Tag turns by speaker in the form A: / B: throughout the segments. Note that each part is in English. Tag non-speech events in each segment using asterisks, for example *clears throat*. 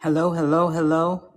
A: Hello, hello, hello.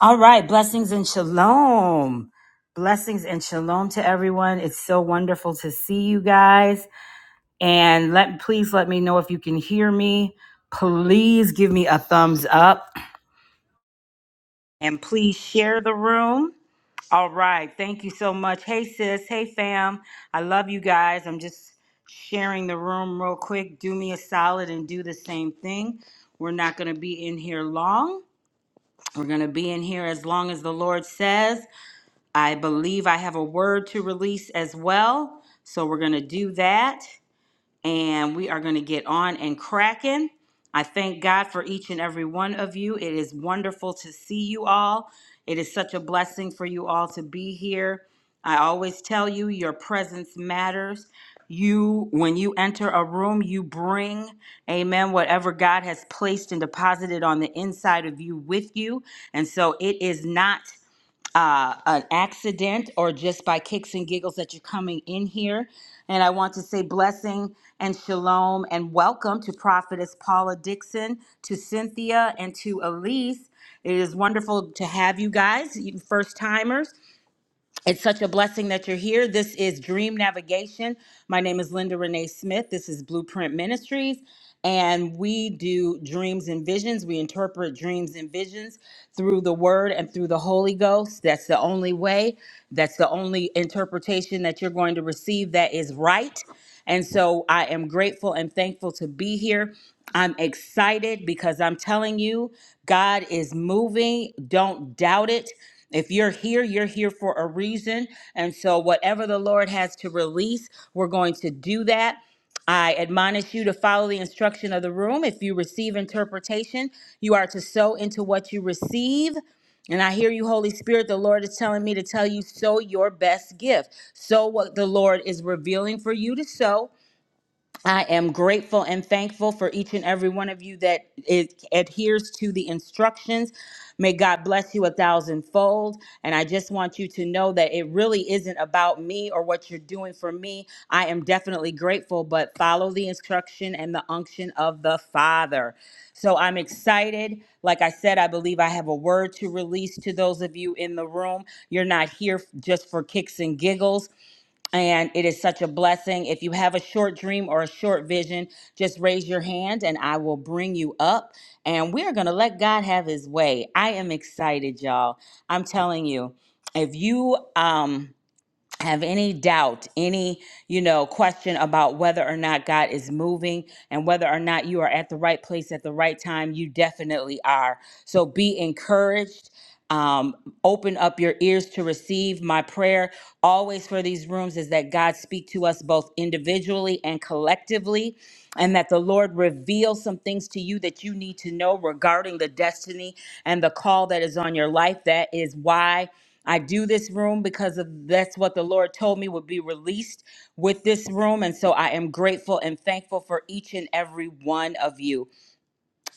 A: All right, blessings and shalom. Blessings and shalom to everyone. It's so wonderful to see you guys. And let please let me know if you can hear me. Please give me a thumbs up and please share the room. All right. Thank you so much. Hey sis, hey fam. I love you guys. I'm just sharing the room real quick. Do me a solid and do the same thing. We're not going to be in here long. We're going to be in here as long as the Lord says. I believe I have a word to release as well. So we're going to do that and we are going to get on and cracking. I thank God for each and every one of you. It is wonderful to see you all. It is such a blessing for you all to be here. I always tell you, your presence matters. You, when you enter a room, you bring, amen, whatever God has placed and deposited on the inside of you with you. And so it is not uh, an accident or just by kicks and giggles that you're coming in here. And I want to say blessing and shalom and welcome to Prophetess Paula Dixon, to Cynthia, and to Elise. It is wonderful to have you guys, you first timers. It's such a blessing that you're here. This is Dream Navigation. My name is Linda Renee Smith. This is Blueprint Ministries, and we do dreams and visions. We interpret dreams and visions through the Word and through the Holy Ghost. That's the only way. That's the only interpretation that you're going to receive that is right. And so I am grateful and thankful to be here. I'm excited because I'm telling you, God is moving. Don't doubt it. If you're here, you're here for a reason. And so, whatever the Lord has to release, we're going to do that. I admonish you to follow the instruction of the room. If you receive interpretation, you are to sow into what you receive. And I hear you, Holy Spirit. The Lord is telling me to tell you, sow your best gift. Sow what the Lord is revealing for you to sow I am grateful and thankful for each and every one of you that is, adheres to the instructions. May God bless you a thousandfold. And I just want you to know that it really isn't about me or what you're doing for me. I am definitely grateful, but follow the instruction and the unction of the Father. So I'm excited. Like I said, I believe I have a word to release to those of you in the room. You're not here just for kicks and giggles. And it is such a blessing. If you have a short dream or a short vision, just raise your hand and I will bring you up. And we are going to let God have his way. I am excited, y'all. I'm telling you, if you, um, have any doubt, any, you know, question about whether or not God is moving and whether or not you are at the right place at the right time, you definitely are. So be encouraged. Um, open up your ears to receive. My prayer always for these rooms is that God speak to us both individually and collectively, and that the Lord reveal some things to you that you need to know regarding the destiny and the call that is on your life. That is why I do this room because of that's what the Lord told me would be released with this room. And so I am grateful and thankful for each and every one of you.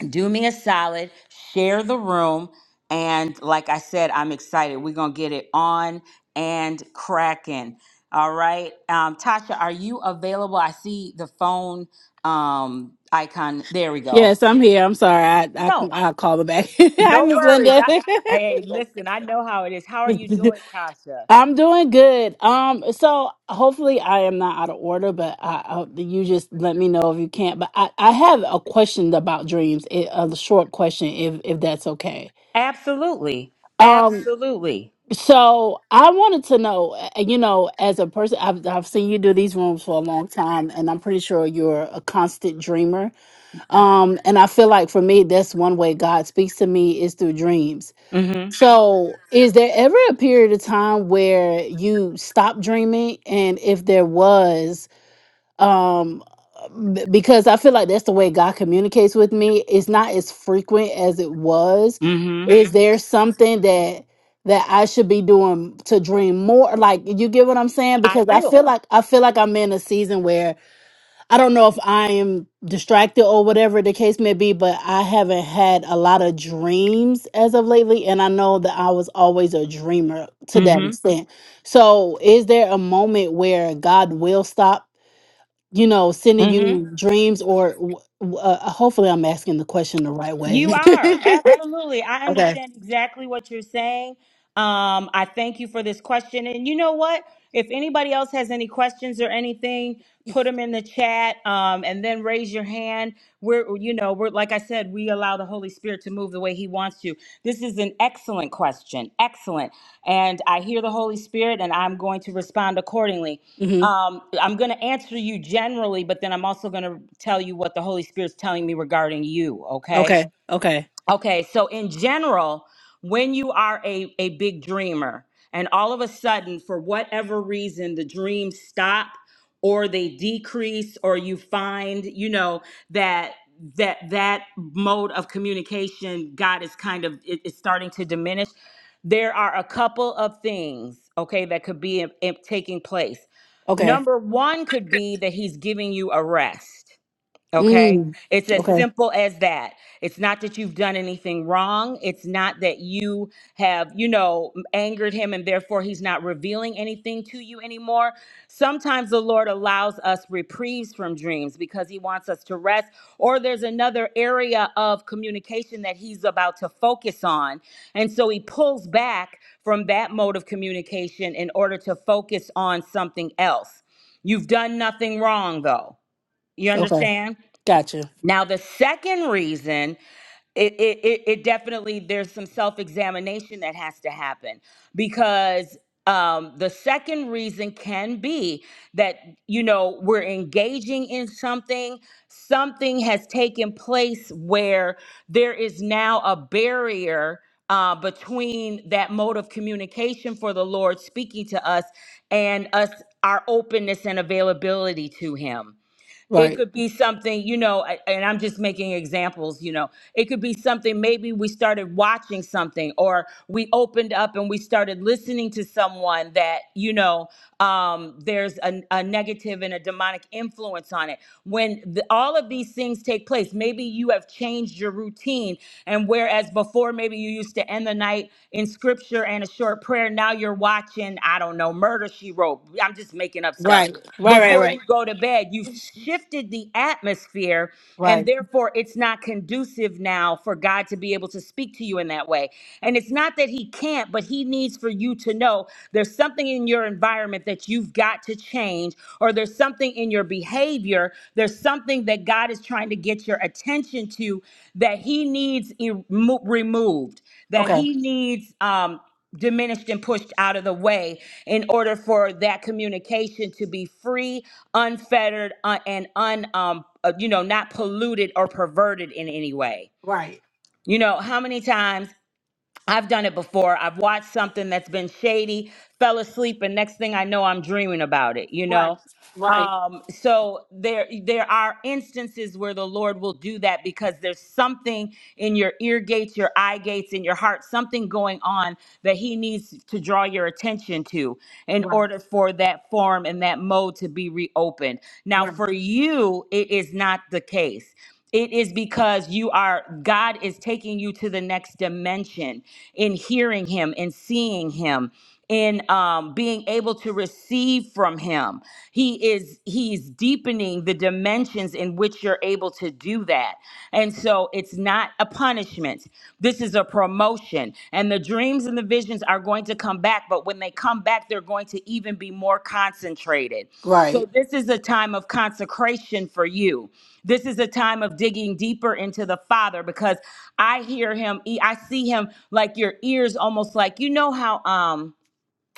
A: Do me a solid, share the room. And like I said, I'm excited. We're going to get it on and cracking. All right. Um, Tasha, are you available? I see the phone um, icon. There we go.
B: Yes, I'm here. I'm sorry. I I
A: No,
B: I'll call her back. *laughs* Hi,
A: no
B: Miss
A: worries.
B: Linda.
A: I, hey, listen, I know how it is. How are you doing, Tasha?
B: *laughs* I'm doing good. Um, so hopefully I am not out of order, but I, I you just let me know if you can't. But I I have a question about dreams. It, a short question, if if that's okay.
A: Absolutely.
B: Um,
A: Absolutely.
B: so I wanted to know, uh, you know, as a person, I've I've seen you do these rooms for a long time, and I'm pretty sure you're a constant dreamer. Um, and I feel like for me, that's one way God speaks to me is through dreams.
A: Mm-hmm.
B: So, is there ever a period of time where you stopped dreaming? And if there was, um, b- because I feel like that's the way God communicates with me, it's not as frequent as it was.
A: Mm-hmm.
B: Is there something that that I should be doing to dream more? Like, you get what I'm saying?
A: I
B: Because I
A: do.
B: feel like I feel like I'm in a season where I don't know if I am distracted or whatever the case may be, but I haven't had a lot of dreams as of lately. And I know that I was always a dreamer to that
A: Mm-hmm.
B: extent. So, is there a moment where God will stop, you know, sending
A: Mm-hmm.
B: you dreams? Or w- w- uh, uh, hopefully, I'm asking the question the right
A: You
B: way.
A: are.
B: *laughs*
A: Absolutely. I
B: okay.
A: understand exactly what you're saying. Um, I thank you for this question. And you know what? If anybody else has any questions or anything, put them in the chat um, and then raise your hand. We're, you know, we're, like I said, we allow the Holy Spirit to move the way He wants to. This is an excellent question. Excellent. And I hear the Holy Spirit and I'm going to respond accordingly.
B: hmm
A: Um, I'm going to answer you generally, but then I'm also going to tell you what the Holy Spirit's telling me regarding you, okay?
B: Okay. Okay.
A: Okay, so in general, when you are a, a big dreamer and all of a sudden, for whatever reason, the dreams stop or they decrease or you find, you know, that that that mode of communication God is kind of it- it's starting to diminish. There are a couple of things, okay, that could be in- in- taking place.
B: Okay.
A: Number one could be that he's giving you a rest Okay?
B: Mm.
A: It's as
B: Okay.
A: simple as that. It's not that you've done anything wrong. It's not that you have, you know, angered him and therefore he's not revealing anything to you anymore. Sometimes the Lord allows us reprieves from dreams because he wants us to rest, or there's another area of communication that he's about to focus on. And so he pulls back from that mode of communication in order to focus on something else. You've done nothing wrong, though. You
B: Okay.
A: understand?
B: Gotcha.
A: Now, the second reason, it, it, it, it definitely, there's some self examination that has to happen because um, the second reason can be that, you know, we're engaging in something, something has taken place where there is now a barrier. Uh, between that mode of communication for the Lord speaking to us and us, our openness and availability to Him. It
B: Right.
A: could be something, you know, a- and I'm just making examples, you know. It could be something, maybe we started watching something or we opened up and we started listening to someone that, you know, um, there's a, a negative and a demonic influence on it. When the, all of these things take place, maybe you have changed your routine. And whereas before, maybe you used to end the night in scripture and a short prayer, now you're watching, I don't know, Murder She Wrote. I'm just making up stuff
B: Right. Right. Right.
A: before
B: Right.
A: you go to bed. You've shifted the atmosphere, and
B: Right.
A: therefore it's not conducive now for God to be able to speak to you in that way. And it's not that He can't, but He needs for you to know there's something in your environment that you've got to change, or there's something in your behavior, there's something that God is trying to get your attention to that He needs e- removed, that
B: Okay.
A: He needs. Um, diminished and pushed out of the way in order for that communication to be free, unfettered, uh, and un um, uh, you know not polluted or perverted in any way. You know how many times I've done it before. I've watched something that's been shady, fell asleep, and next thing I know, I'm dreaming about it, you know? Um, so there there are instances where the Lord will do that because there's something in your ear gates, your eye gates, in your heart, something going on that He needs to draw your attention to in
B: Right.
A: order for that form and that mode to be reopened. Now,
B: Right.
A: for you, it is not the case. It is because you are, God is taking you to the next dimension in hearing Him, in seeing Him, in um, being able to receive from Him. He is, He's deepening the dimensions in which you're able to do that. And so it's not a punishment. This is is a promotion, and the dreams and the visions are going to come back. But when they come back, they're going to even be more concentrated. So,
B: Right.
A: this is a time of consecration for you. This is a time of digging deeper into the Father because I hear him, e, I see him like your ears almost like, you know, how, um,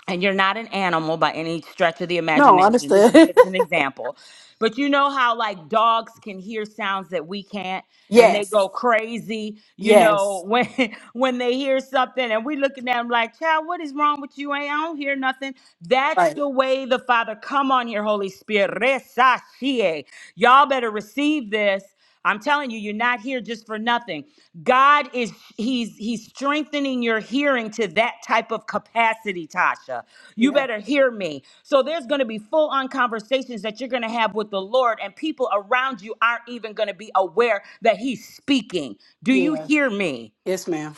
A: and you're not an animal by any stretch of the
B: No,
A: imagination. This is
B: understood.
A: just an example. But you know how like dogs can hear sounds that we can't
B: *laughs*
A: and they
B: yes.
A: go crazy, you know,
B: Yes.
A: when *laughs* when they hear something and we looking at them like, "Child, what is wrong with you? Ain't I don't hear nothing." That's
B: Right.
A: the way the Father come on here, Holy Spirit. Resashie. Y'all better receive this I'm telling you, you're not here just for nothing. God is he's he's strengthening your hearing to that type of capacity, Tasha. You
B: Yeah.
A: better hear me. So there's going to be full on conversations that you're going to have with the Lord and people around you aren't even going to be aware that he's speaking. Do you
B: Yeah.
A: hear me?
B: Yes, ma'am.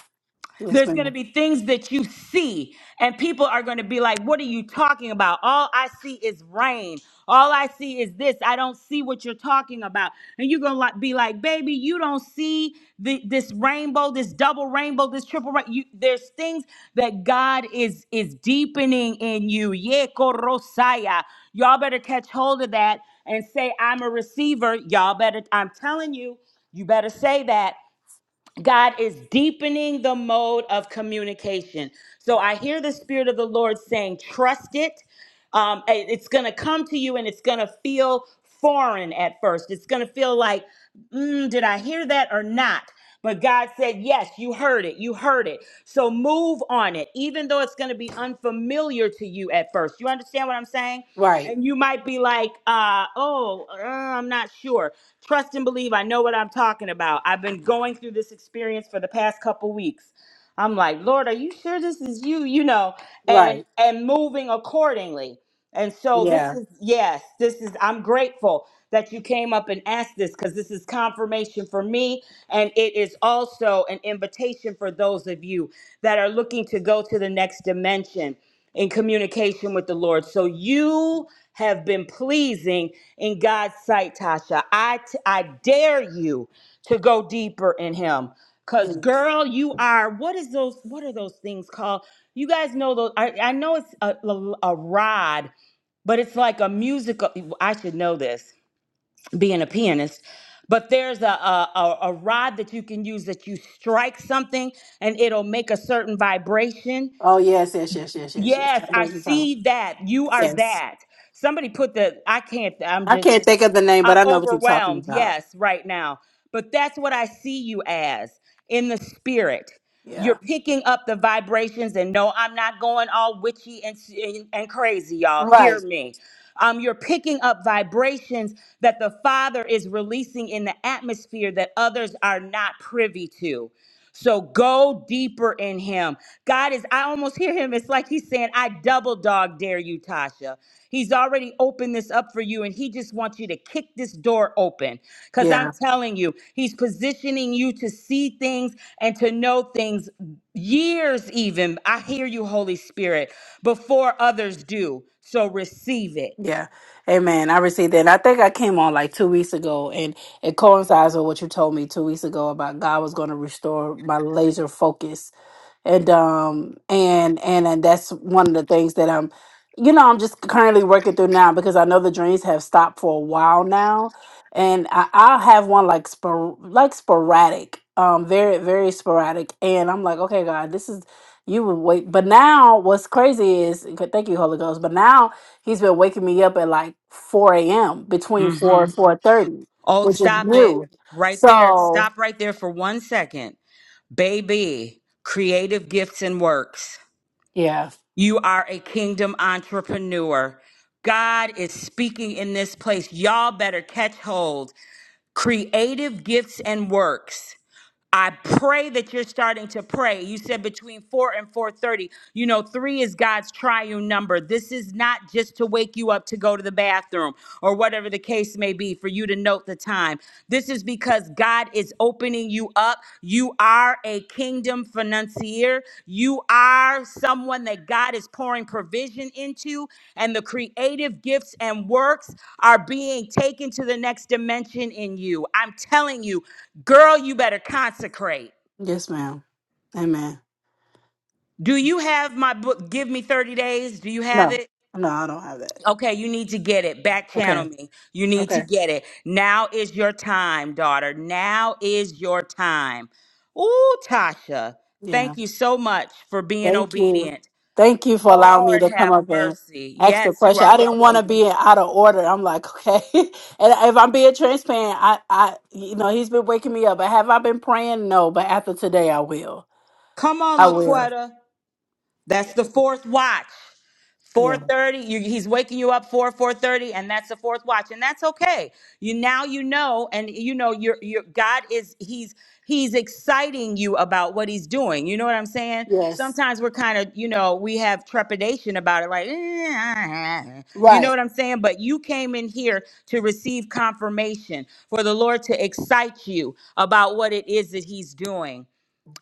B: Yes,
A: There's going to
B: ma'am.
A: be things that you see, and people are going to be like, What are you talking about? All I see is rain. All I see is this. I don't see what you're talking about. And you're going to be like, Baby, you don't see the, this rainbow, this double rainbow, this triple rainbow. You, there's things that God is, is deepening in you. Yeko Rosaya. Y'all better catch hold of that and say, I'm a receiver. Y'all better, I'm telling you, you better say that God is deepening the mode of communication. So I hear the Spirit of the Lord saying, trust it. Um, it- it's going to come to you and it's going to feel foreign at first. It's going to feel like, mm, did I hear that or not? But God said, Yes, you heard it. You heard it. So move on it, even though it's going to be unfamiliar to you at first. You understand what I'm saying?
B: Right.
A: And you might be like, uh, Oh, uh, I'm not sure. Trust and believe. I know what I'm talking about. I've been going through this experience for the past couple weeks. I'm like, Lord, are you sure this is you? You know, and
B: Right.
A: and moving accordingly. And so this
B: Yeah.
A: is yes, this is I'm grateful that you came up and asked this because this is confirmation for me. And it is also an invitation for those of you that are looking to go to the next dimension in communication with the Lord. So you have been pleasing in God's sight, Tasha. I, t- I dare you to go deeper in Him. Cause
B: Yes.
A: girl, you are. What is those? What are those things called? You guys know those. I, I know it's a, a, a rod, but it's like a musical. I should know this, being a pianist. But there's a, a a a rod that you can use that you strike something and it'll make a certain vibration.
B: Oh yes, yes, yes, yes, yes, yes.
A: Yes,
B: I know
A: I
B: what you're talking about.
A: see that. You are
B: Yes.
A: that. Somebody put the. I can't. I'm
B: I
A: just.
B: can't think of the name, but
A: I'm
B: I know what you're talking
A: overwhelmed,
B: about.
A: yes, right now. But that's what I see you as in the spirit. You're
B: Yeah.
A: picking up the vibrations, and no, I'm not going all witchy and, and, and crazy, y'all. Hear
B: Right.
A: me. Um, you're picking up vibrations that the Father is releasing in the atmosphere that others are not privy to. So go deeper in Him. God is, I almost hear Him. It's like He's saying, I double dog dare you, Tasha. He's already opened this up for you, and he just wants you to kick this door open. Because
B: Yeah.
A: I'm telling you, he's positioning you to see things and to know things years, even. I hear you, Holy Spirit, before others do. So receive it.
B: Yeah. Amen. I received that. And I think I came on like two weeks ago and it coincides with what you told me two weeks ago about God was going to restore my laser focus and um and and and that's one of the things that I'm you know I'm just currently working through now because I know the dreams have stopped for a while now and I, I'll have one like spor- like sporadic um very very sporadic and I'm like okay God this is you would wait but now what's crazy is thank you Holy Ghost but now he's been waking me up at like 4 a.m between 4
A: hmm
B: and 4.30
A: Oh,
B: which is
A: stop it
B: new
A: right there.
B: so
A: Stop right there for one second. Baby, creative gifts and works.
B: yeah
A: You are a kingdom entrepreneur. God is speaking in this place. Y'all better catch hold. Creative gifts and works. I pray that you're starting to pray. You said between 4 and 4:30. You know, 3 is God's triune number. This is not just to wake you up to go to the bathroom or whatever the case may be for you to note the time. This is because God is opening you up. You are a kingdom financier. You are someone that God is pouring provision into, and the creative gifts and works are being taken to the next dimension in you. I'm telling you, girl, you better consecrate.
B: yes ma'am amen
A: Do you have my book, Give Me 30 Days? Do you have
B: No,
A: it?
B: no, I don't have that.
A: Okay, you need to get it. Back
B: Okay,
A: channel me. You need to
B: okay.
A: get it. Now is your time, daughter. Now is your time. Ooh, Tasha,
B: Yeah.
A: thank you so much for being
B: Thank you.
A: obedient.
B: Thank you for allowing me
A: Lord
B: to come
A: have
B: up and
A: mercy.
B: ask the
A: Yes, you
B: question.
A: are
B: I didn't want to
A: welcome.
B: be out of order. I'm like, okay. *laughs* and if I'm being transparent, I, I, you know, he's been waking me up. But have I been praying? No, but after today, I will.
A: Come on,
B: I will.
A: Laquetta. That's the fourth watch.
B: Yeah.
A: 4:30 you, he's waking you up 4 4:30 and that's the fourth watch and that's okay. You now you know and you know your your God is he's he's exciting you about what he's doing. You know what I'm saying?
B: Yes.
A: Sometimes we're kind of, you know, we have trepidation about it like "Eh, you know
B: Right.
A: what I'm saying? But you came in here to receive confirmation for the Lord to excite you about what it is that he's doing.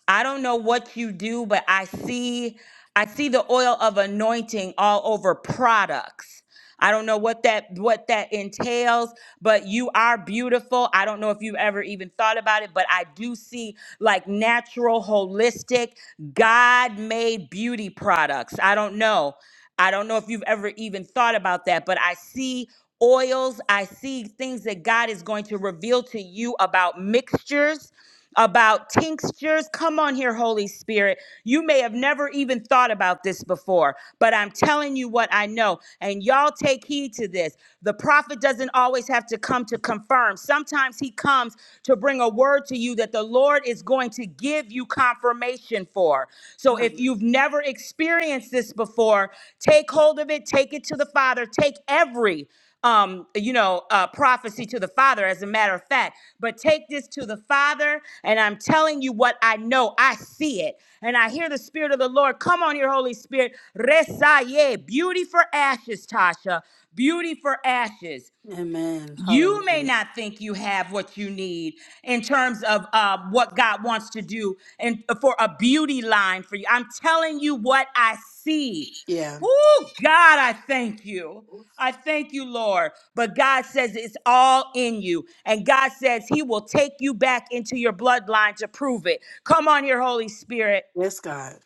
A: I don't know what you do, but I see I see the oil of anointing all over products. I don't know what that what that entails, but you are beautiful. I don't know if you've ever even thought about it, but I do see like natural, holistic, God-made beauty products. I don't know. I don't know if you've ever even thought about that, but I see oils, I see things that God is going to reveal to you about mixtures about tinctures. Come on here, Holy Spirit. You may have never even thought about this before, but I'm telling you what I know. And y'all take heed to this. The prophet doesn't always have to come to confirm, sometimes he comes to bring a word to you that the Lord is going to give you confirmation for. So if
B: Right.
A: you've never experienced this before, take hold of it, take it to the Father, take every um you know uh prophecy to the father as a matter of fact but take this to the father and i'm telling you what i know i see it and i hear the spirit of the lord come on here holy spirit resaye beauty for ashes tasha beauty for ashes
B: Amen.
A: you may
B: Hallelujah.
A: not think you have what you need in terms of uh, what God wants to do and for a beauty line for you. I'm telling you what I see.
B: Yeah.
A: Oh, God, I thank you. I thank you, Lord. But God says it's all in you. And God says He will take you back into your bloodline to prove it. Come on here, Holy Spirit.
B: Yes, God.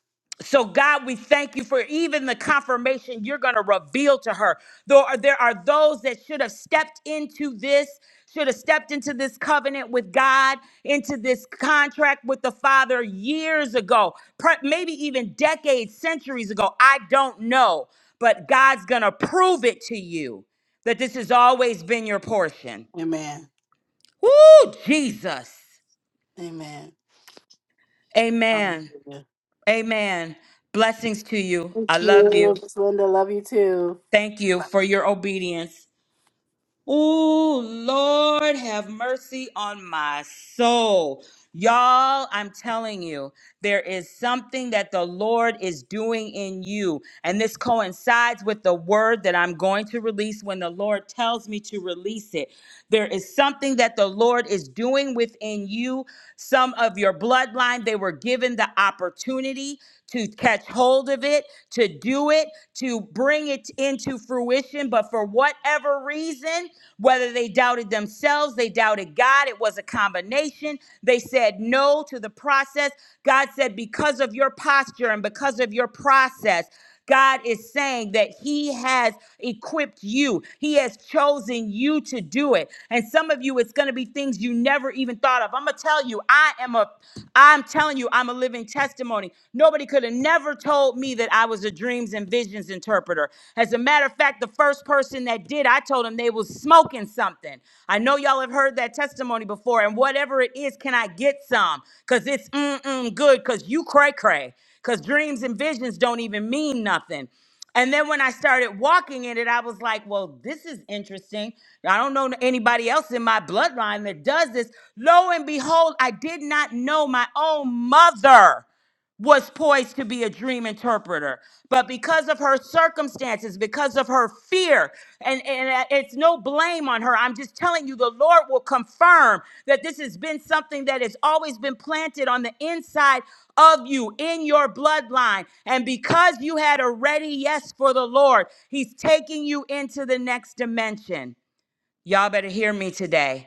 A: So, God, we thank you for even the confirmation you're going to reveal to her. There are, there are those that should have stepped into this, should have stepped into this covenant with God, into this contract with the Father years ago, per- maybe even decades, centuries ago. I don't know. But God's going to prove it to you that this has always been your portion.
B: Amen.
A: Woo, Jesus.
B: Amen.
A: Amen.
B: Hallelujah.
A: Amen. Blessings to you.
B: Thank
A: I love you.
B: you, Miss Linda. Love you too.
A: Thank you for your obedience. Oh, Lord, have mercy on my soul. Y'all, I'm telling you, there is something that the Lord is doing in you. And this coincides with the word that I'm going to release when the Lord tells me to release it. There is something that the Lord is doing within you. Some of your bloodline, they were given the opportunity to catch hold of it, to do it, to bring it into fruition. But for whatever reason, whether they doubted themselves, they doubted God, it was a combination. They said no to the process. God said, because of your posture and because of your process. God is saying that He has equipped you, He has chosen you to do it. And some of you, it's going to be things you never even thought of. I'm going to tell you, I am a, I'm telling you, I'm a living testimony. Nobody could have never told me that I was a dreams and visions interpreter. As a matter of fact, the first person that did, I told them they was smoking something. I know y'all have heard that testimony before, and whatever it is, can I get some? Because it's mm-mm good, because you cray cray because dreams and visions don't even mean nothing. And then when I started walking in it, I was like, well, this is interesting. I don't know anybody else in my bloodline that does this. Lo and behold, I did not know my own mother was poised to be a dream interpreter. But because of her circumstances, because of her fear, and, and uh, it's no blame on her. I'm just telling you, the Lord will confirm that this has been something that has always been planted on the inside of you, in your bloodline. And because you had a ready yes for the Lord, He's taking you into the next dimension. Y'all better hear me today.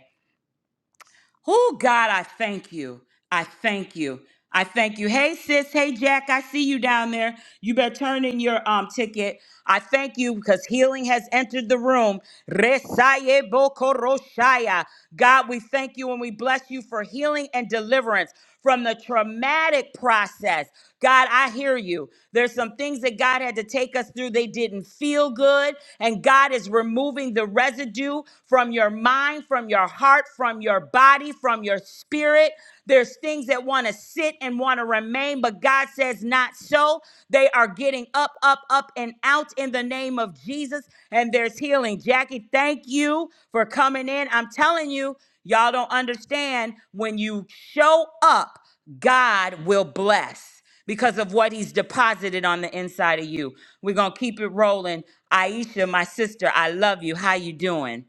A: Oh, God, I thank you. I thank you. I thank you. Hey, sis. Hey, Jack. I see you down there. You better turn in your um ticket. I thank you because healing has entered the room. Resaye bokoroshaya. God, we thank you and we bless you for healing and deliverance from the traumatic process. God, I hear you. There's some things that God had to take us through. They didn't feel good. And God is removing the residue from your mind, from your heart, from your body, from your spirit. There's things that want to sit and want to remain, but God says, not so. They are getting up, up, up, and out in the name of Jesus. And there's healing. Jackie, thank you for coming in. I'm telling you. Y'all don't understand when you show up, God will bless because of what he's deposited on the inside of you. We're going to keep it rolling. Aisha, my sister, I love you. How you doing?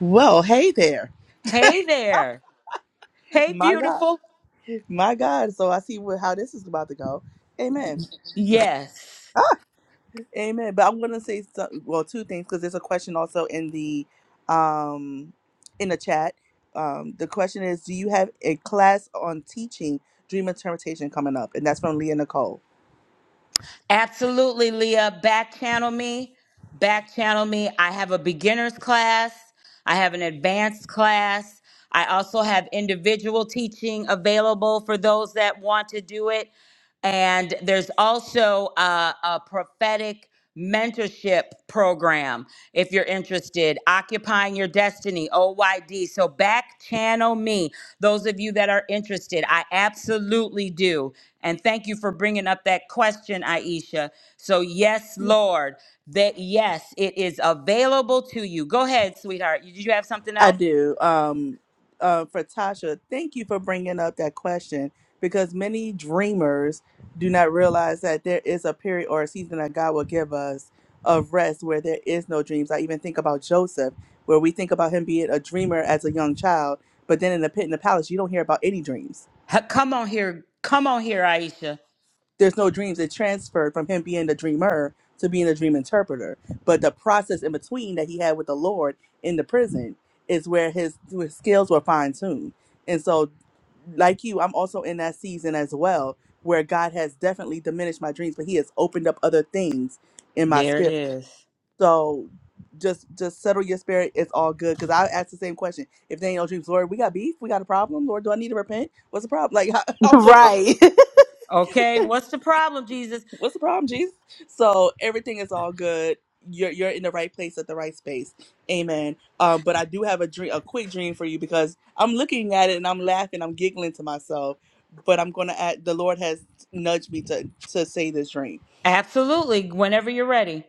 C: Well, hey there.
A: Hey there. Hey
C: My God.
A: beautiful.
C: My God. So I see where, how this is about to go. Amen.
A: Yes.
C: Amen. But I'm going to say some, well, two things because there's a question also in the um in the chat. Um the question is do you have a class on teaching dream interpretation coming up? And that's from Leah Nicole.
A: Absolutely, Leah. Back channel me. Back channel me. I have a beginner's class, I have an advanced class. I also have individual teaching available for those that want to do it. And there's also uh, a prophetic mentorship program if you're interested occupying your destiny oyd so back channel me those of you that are interested i absolutely do and thank you for bringing up that question aisha so yes lord that yes it is available to you go ahead sweetheart did you have something
C: I
A: else
C: do. Um, uh, for Tasha, thank you for bringing up that question because many dreamers do not realize that there is a period or a season that God will give us of rest where there is no dreams. I even think about Joseph, where we think about him being a dreamer as a young child, but then in the pit in the palace, you don't hear about any dreams
A: Ha- come on here come on here aisha
C: there's no dreams. It transferred from him being the dreamer to being a dream interpreter. But the process in between that he had with the Lord in the prison is where his, his skills were fine tuned. And so, like you, I'm also in that season as well where God has definitely diminished my dreams, but He has opened up other things in my
A: there it
C: spirit.
A: is
C: So just just settle your spirit. It's all good. Because I asked the same question. If they ain't no dreams, Lord, we got beef. We got a problem. Lord, do I need to repent? What's the problem? Like, *laughs* I'll go.
B: Right. *laughs*
A: okay what's the problem jesus
C: what's the problem, Jesus? So everything is all good. You're you're in the right place at the right space. Amen. Um, but I do have a dream, a quick dream for you because I'm looking at it and I'm laughing, I'm giggling to myself. But I'm gonna add the Lord has nudged me to to say this dream.
A: absolutely whenever you're ready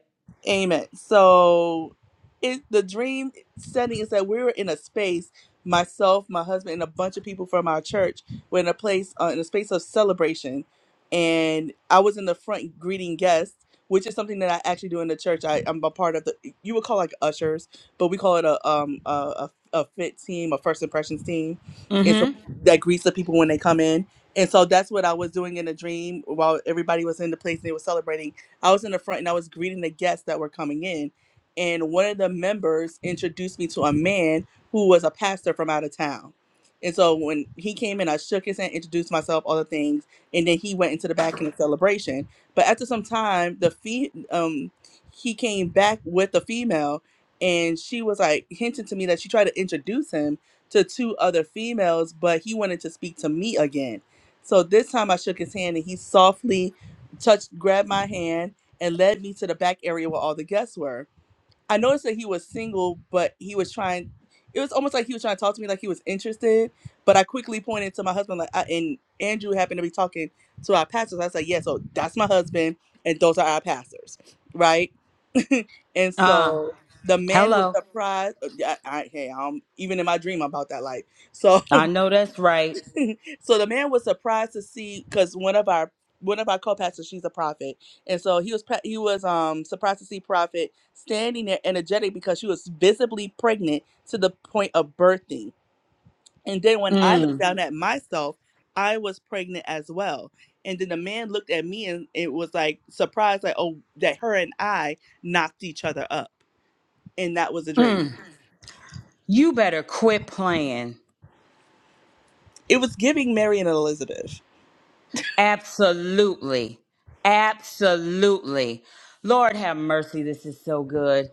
C: Amen. So it the dream setting is that we were in a space, myself, my husband, and a bunch of people from our church were in a place uh, in a space of celebration. And I was in the front greeting guests, which is something that I actually do in the church. I, I'm a part of the you would call like ushers, but we call it a um a, a, a fit team, a first impressions team. And so
A: mm-hmm
C: that greets the people when they come in. And so that's what I was doing in the dream while everybody was in the place and they were celebrating I was in the front and I was greeting the guests that were coming in. And one of the members introduced me to a man who was a pastor from out of town. And so when he came in, I shook his hand, introduced myself, all the things, and then he went into the back in the celebration. But after some time, the fee um he came back with a female and she was like hinting to me that she tried to introduce him to two other females, but he wanted to speak to me again. So this time I shook his hand and he softly touched grabbed my hand and led me to the back area where all the guests were. I noticed that he was single, but he was trying. It was almost like he was trying to talk to me, like he was interested. But I quickly pointed to my husband, like, I, and Andrew happened to be talking to our pastors. I said, "Yeah, so that's my husband, and those are our pastors, right?" *laughs* and
A: Uh,
C: so the man was
A: Hello.
C: surprised. I, I, hey, I'm even in my dream about that life. So
A: I know that's right.
C: *laughs* so the man was surprised to see because one of our one of our co-pastors, she's a prophet, and so he was pre- he was um surprised to see prophet standing there energetic because she was visibly pregnant to the point of birthing. And then when I looked
A: Mm,
C: down at myself, I was pregnant as well. And then the man looked at me and it was like surprised, like oh that her and I knocked each other up, and that was a dream.
A: mm. You better quit playing.
C: It was giving Mary and Elizabeth.
A: Absolutely. Absolutely. Lord have mercy. This is so good.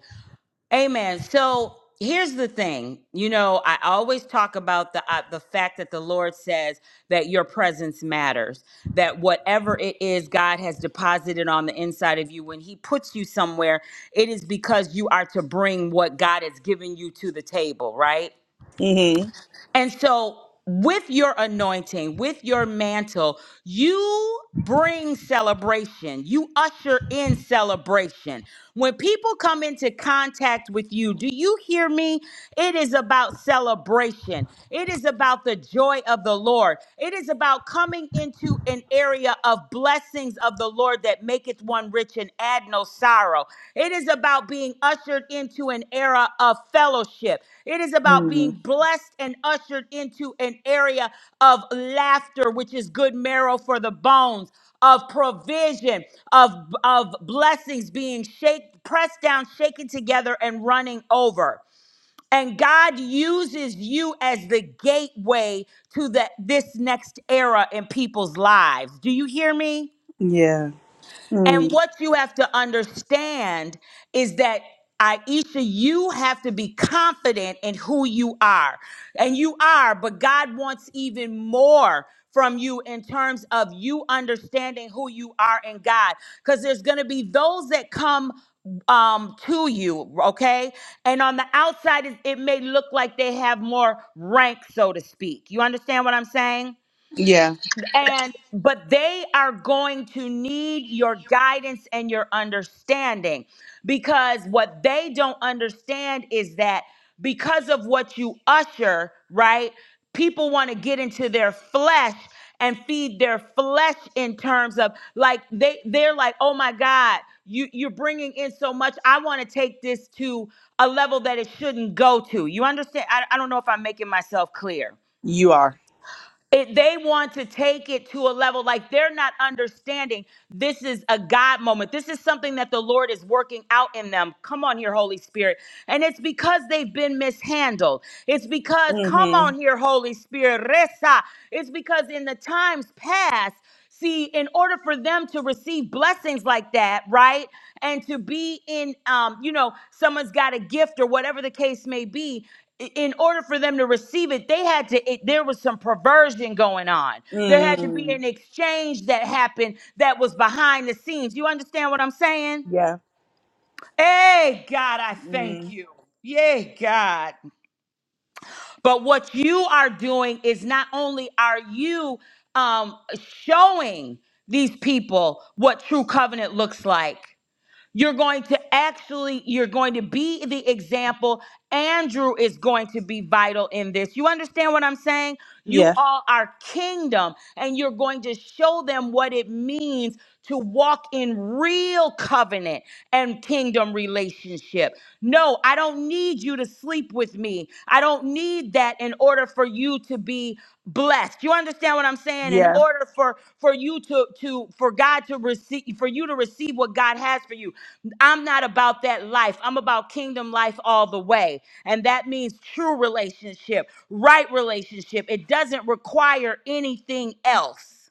A: Amen. So here's the thing. You know, I always talk about the uh, the fact that the Lord says that your presence matters. That whatever it is God has deposited on the inside of you, when He puts you somewhere, it is because you are to bring what God has given you to the table, right?
C: Mm-hmm.
A: And so, with your anointing, with your mantle, you bring celebration. You usher in celebration. When people come into contact with you, do you hear me? It is about celebration. It is about the joy of the Lord. It is about coming into an area of blessings of the the Lord that maketh one rich and add no sorrow. It is about being ushered into an era of fellowship. It is about being
C: mm
A: blessed and ushered into an area of laughter, which is good marrow for the bones, of provision, of, of blessings being shake, pressed down, shaken together, and running over. And God uses you as the gateway to the, this next era in people's lives. Do you hear me?
C: Yeah.
A: And
C: Mm.
A: what you have to understand is that Aisha, you have to be confident in who you are. And you are, but God wants even more from you in terms of you understanding who you are in God. Because there's going to be those that come um to you okay and on the outside it, it may look like they have more rank so to speak you understand what i'm saying
C: Yeah.
A: and but they are going to need your guidance and your understanding because what they don't understand is that because of what you usher, right? People want to get into their flesh and feed their flesh in terms of like they they're like, "Oh my god, you you're bringing in so much. I want to take this to a level that it shouldn't go to." You understand? I, I don't know if I'm making myself clear
C: You are.
A: it, they want to take it to a level like they're not understanding this is a God moment. This is something that the Lord is working out in them. Come on here, Holy Spirit. And it's because they've been mishandled. It's because, come
C: Mm-hmm.
A: on here, Holy Spirit, Resa. It's because in the times past, See, in order for them to receive blessings like that, right? And to be in, um, you know, someone's got a gift or whatever the case may be. i- In order for them to receive it, they had to, it, there was some perversion going on. There had to be
C: Mm.
A: an exchange that happened that was behind the scenes. You understand what I'm saying?
C: Yeah.
A: Hey, God, I thank
C: Mm.
A: you. Yay, God. But what you are doing is not only are you um, showing these people what true covenant looks like, you're going to actually you're going to be the example. Andrew is going to be vital in this. You understand what I'm saying? You
C: Yeah.
A: all are kingdom, and you're going to show them what it means to walk in real covenant and kingdom relationship. No, I don't need you to sleep with me. I don't need that in order for you to be blessed. You understand what I'm saying? In
C: Yeah.
A: order for for you to to for God to receive for you to receive what God has for you. I'm not about that life. I'm about kingdom life all the way. And that means true relationship, right relationship. It doesn't require anything else.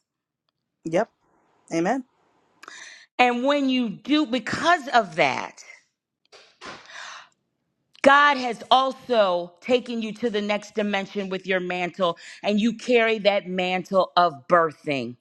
C: Yep. Amen.
A: And when you do because of that, God has also taken you to the next dimension with your mantle, and you carry that mantle of birthing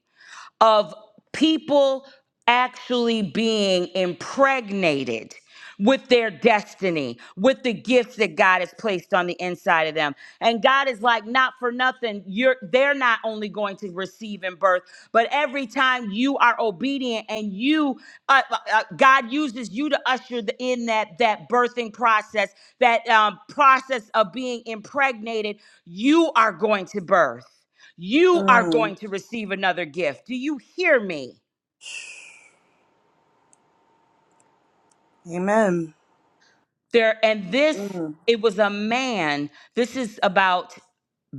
A: of people actually being impregnated with their destiny, with the gifts that God has placed on the inside of them. And God is like, not for nothing, you're they're not only going to receive in birth, but every time you are obedient and you uh, uh, uh, God uses you to usher the- in that that birthing process, that um, process of being impregnated, you are going to birth. You are
C: Mm.
A: going to receive another gift. Do you hear me?
C: Amen.
A: There and this
C: Mm.
A: it was a man. This is about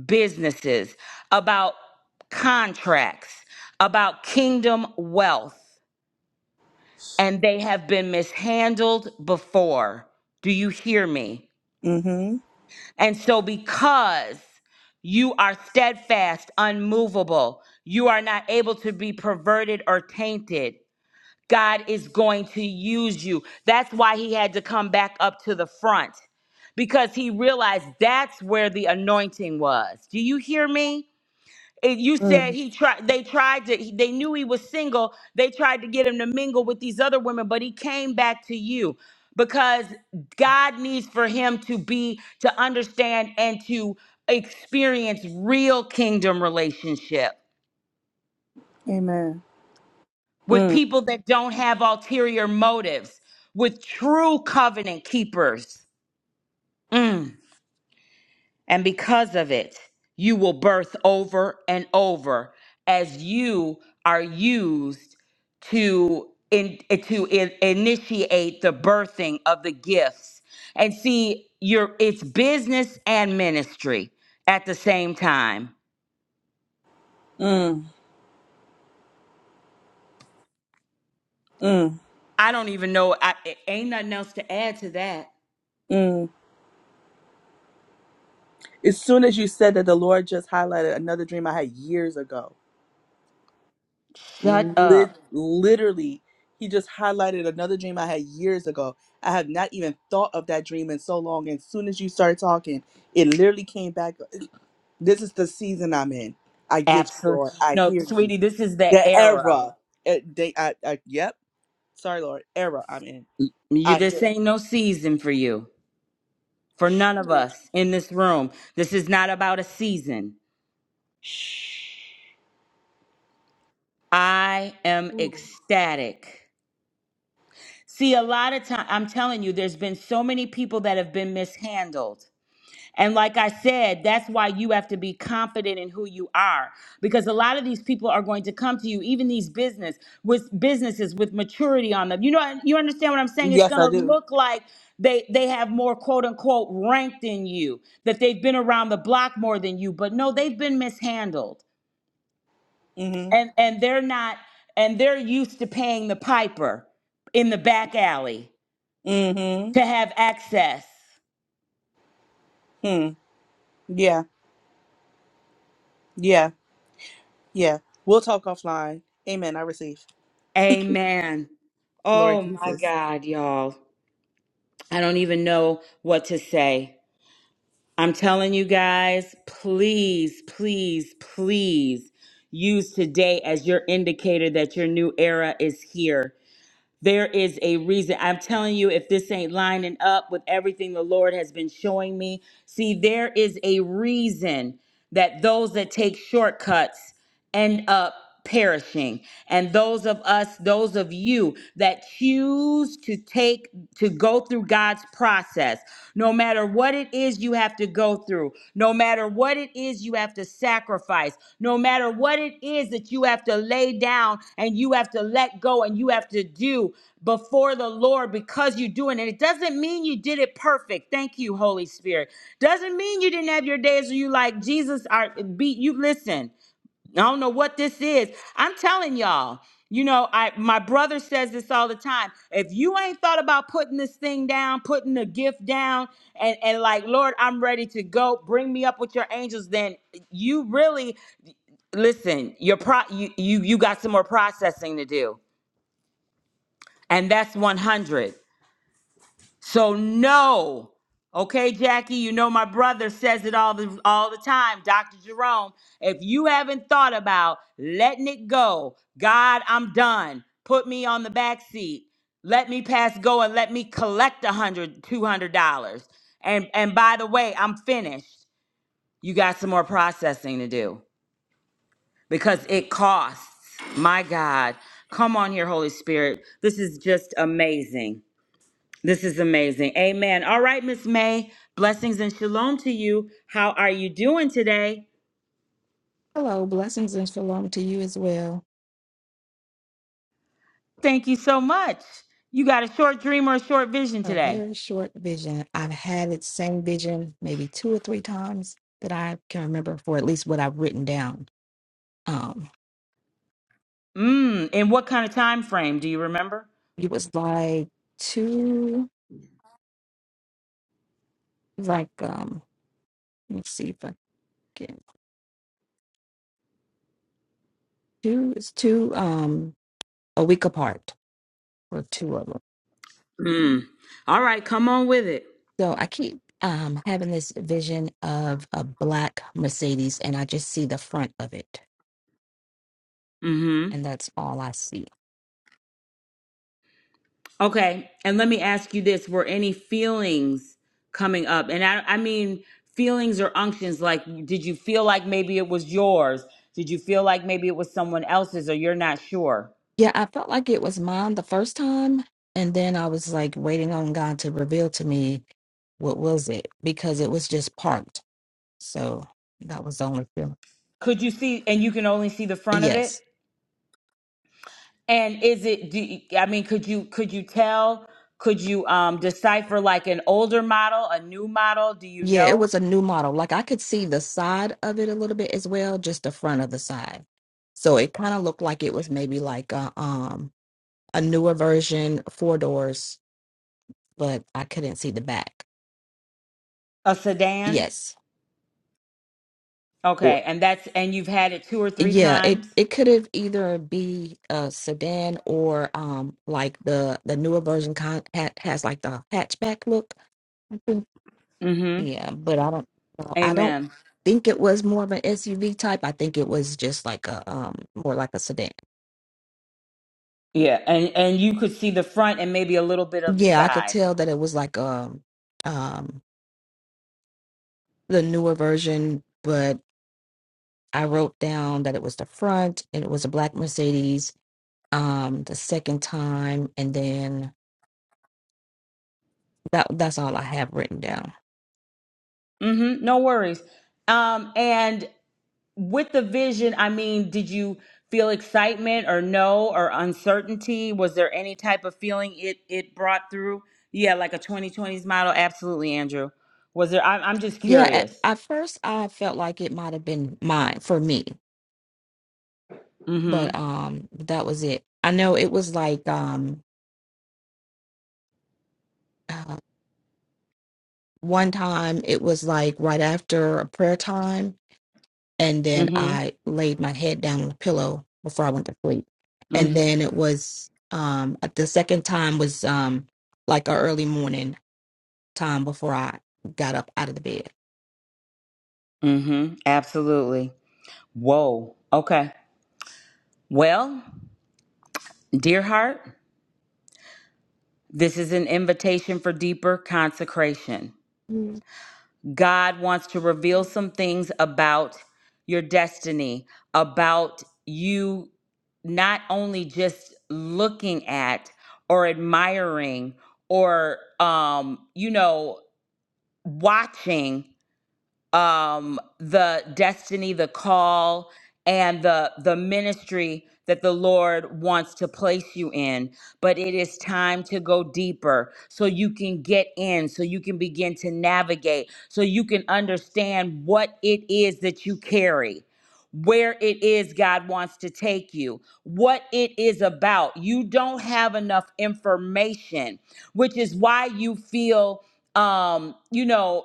A: businesses, about contracts, about kingdom wealth, and they have been mishandled before. Do you hear me?
C: Mm-hmm.
A: And so because you are steadfast, unmovable. You are not able to be perverted or tainted. God is going to use you. That's why he had to come back up to the front because he realized that's where the anointing was. Do you hear me? It- you said
C: Mm.
A: he tried they tried to he- they knew he was single. They tried to get him to mingle with these other women, but he came back to you because God needs for him to be to understand and to experience real kingdom relationship.
C: Amen.
A: with
C: Mm.
A: people that don't have ulterior motives, with true covenant keepers. Mm. And because of it, you will birth over and over as you are used to in, to in, initiate the birthing of the gifts. And see, you're it's business and ministry at the same time.
C: Mm. Mm.
A: I don't even know. I, it ain't nothing else to add to that.
C: Mm. As soon as you said that the Lord just highlighted another dream I had years ago.
A: Shut up.
C: Lit- literally, he just highlighted another dream I had years ago. I have not even thought of that dream in so long. And as soon as you started talking, it literally came back. This is the season I'm in. I get you,
A: Absolutely.
C: Lord. I
A: No,
C: hear you.
A: sweetie, this is the
C: The
A: era.
C: era. eh, They, I, I, yep. Sorry, Lord. Era I'm in.
A: You
C: I hear
A: this
C: it.
A: ain't no season for you. For none of us in this room. This is not about a season.
C: Shh.
A: I am ecstatic. See, a lot of time I'm telling you, there's been so many people that have been mishandled. And like I said, that's why you have to be confident in who you are because a lot of these people are going to come to you, even these business with businesses with maturity on them. You know, you understand what I'm saying? It's
C: Yes,
A: going
C: I
A: to
C: do.
A: look like they they have more quote unquote rank than you, that they've been around the block more than you, but no, they've been mishandled.
C: Mm-hmm.
A: And and they're not and they're used to paying the piper in the back alley
C: Mm-hmm.
A: to have access.
C: Hmm. Yeah. Yeah. Yeah. We'll talk offline. Amen. I receive.
A: Amen.
C: Glory
A: Oh
C: to
A: my
C: Jesus.
A: God, y'all. I don't even know what to say. I'm telling you guys, please, please, please use today as your indicator that your new era is here. There is a reason. I'm telling you, if this ain't lining up with everything the Lord has been showing me, see, there is a reason that those that take shortcuts end up perishing. And those of us, those of you that choose to take, to go through God's process, no matter what what it is you have to go through, no matter what it is you have to sacrifice, no matter what it is that you have to lay down and you have to let go and you have to do before the Lord because you're doing it. It doesn't mean you did it perfect. Thank you, Holy Spirit. Doesn't mean you didn't have your days where you like Jesus are beat you listen. I don't know what this is. I'm telling y'all. You know, I my brother says this all the time. If you ain't thought about putting this thing down, putting the gift down, and and like, Lord, I'm ready to go. Bring me up with your angels. Then you really listen. Your pro, you you you got some more processing to do, and that's 100. So no. Okay, Jackie, you know my brother says it all the all the time, Dr. Jerome. If you haven't thought about letting it go, God, I'm done. Put me on the back seat. Let me pass go and let me collect a hundred, two hundred dollars. And and by the way, I'm finished. You got some more processing to do because it costs. My God. Come on here, Holy Spirit. This is just amazing. This is amazing. Amen. All right, Miss May, blessings and shalom to you. How are you doing today?
D: Hello, blessings and shalom to you as well.
A: Thank you so much. You got a short dream or a short vision
D: A
A: today?
D: very short vision. I've had it same vision maybe two or three times that I can remember for at least what I've written down. Um,
A: Mm, and what kind of time frame do you remember?
D: it was like two, like um, let me see if I can two. It's two um a week apart or two of them.
A: Mm. All right, come on with it.
D: So I keep um having this vision of a black Mercedes, and I just see the front of it,
A: Mhm.
D: and that's all I see
A: Okay, and let me ask you this, were any feelings coming up? And I I mean feelings or unctions like did you feel like maybe it was yours? Did you feel like maybe it was someone else's or you're not sure?
D: Yeah, I felt like it was mine the first time, and then I was like waiting on God to reveal to me what was it because it was just parked. So that was the only feeling.
A: Could you see, and you can only see the front of it?
D: Yes.
A: And is it? Do you, I mean, could you could you tell? Could you um, decipher like an older model, a new model? Do you
D: Yeah, it
A: know
D: was a new model. Like I could see the side of it a little bit as well, just the front of the side. So it kind of looked like it was maybe like a um a newer version, four doors, but I couldn't see the back.
A: a sedan?
D: Yes.
A: Okay, and that's and you've had it two or three
D: Yeah, it
A: times.
D: it could have either be a sedan or um like the the newer version con ha has like the hatchback look. I think.
A: Mm-hmm.
D: Yeah, but I don't know. I don't
A: Amen.
D: think it was more of an SUV type. I think it was just like a um more like a sedan.
A: Yeah, and and you could see the front and maybe a little bit of the
D: Yeah, I could
A: side.
D: tell that it was like um um the newer version, but I wrote down that it was the front and it was a black Mercedes um the second time and then that that's all I have written down.
A: Mm-hmm. No worries. Um, and with the vision, I mean, did you feel excitement or no or uncertainty? Was there any type of feeling it it brought through? Yeah, like a 2020s model. Absolutely, Andrew. Was there? I'm, I'm just
D: Yeah, at,
A: curious.
D: at first I felt like it might have been mine for me,
A: Mm-hmm.
D: but um that was it. I know it was like um uh, one time it was like right after a prayer time and then
A: Mm-hmm.
D: I laid my head down on the pillow before I went to sleep. And
A: Mm-hmm.
D: then it was um at the second time was um like a early morning time before I got up out of the bed.
A: Mm-hmm. Absolutely. Whoa. Okay. Well, dear heart, this is an invitation for deeper consecration.
D: Mm.
A: God wants to reveal some things about your destiny, about you not only just looking at or admiring or um you know watching um, the destiny, the call, and the the ministry that the Lord wants to place you in. But it is time to go deeper so you can get in, so you can begin to navigate, so you can understand what it is that you carry. Where it is God wants to take you, what it is about. You don't have enough information, which is why you feel um, you know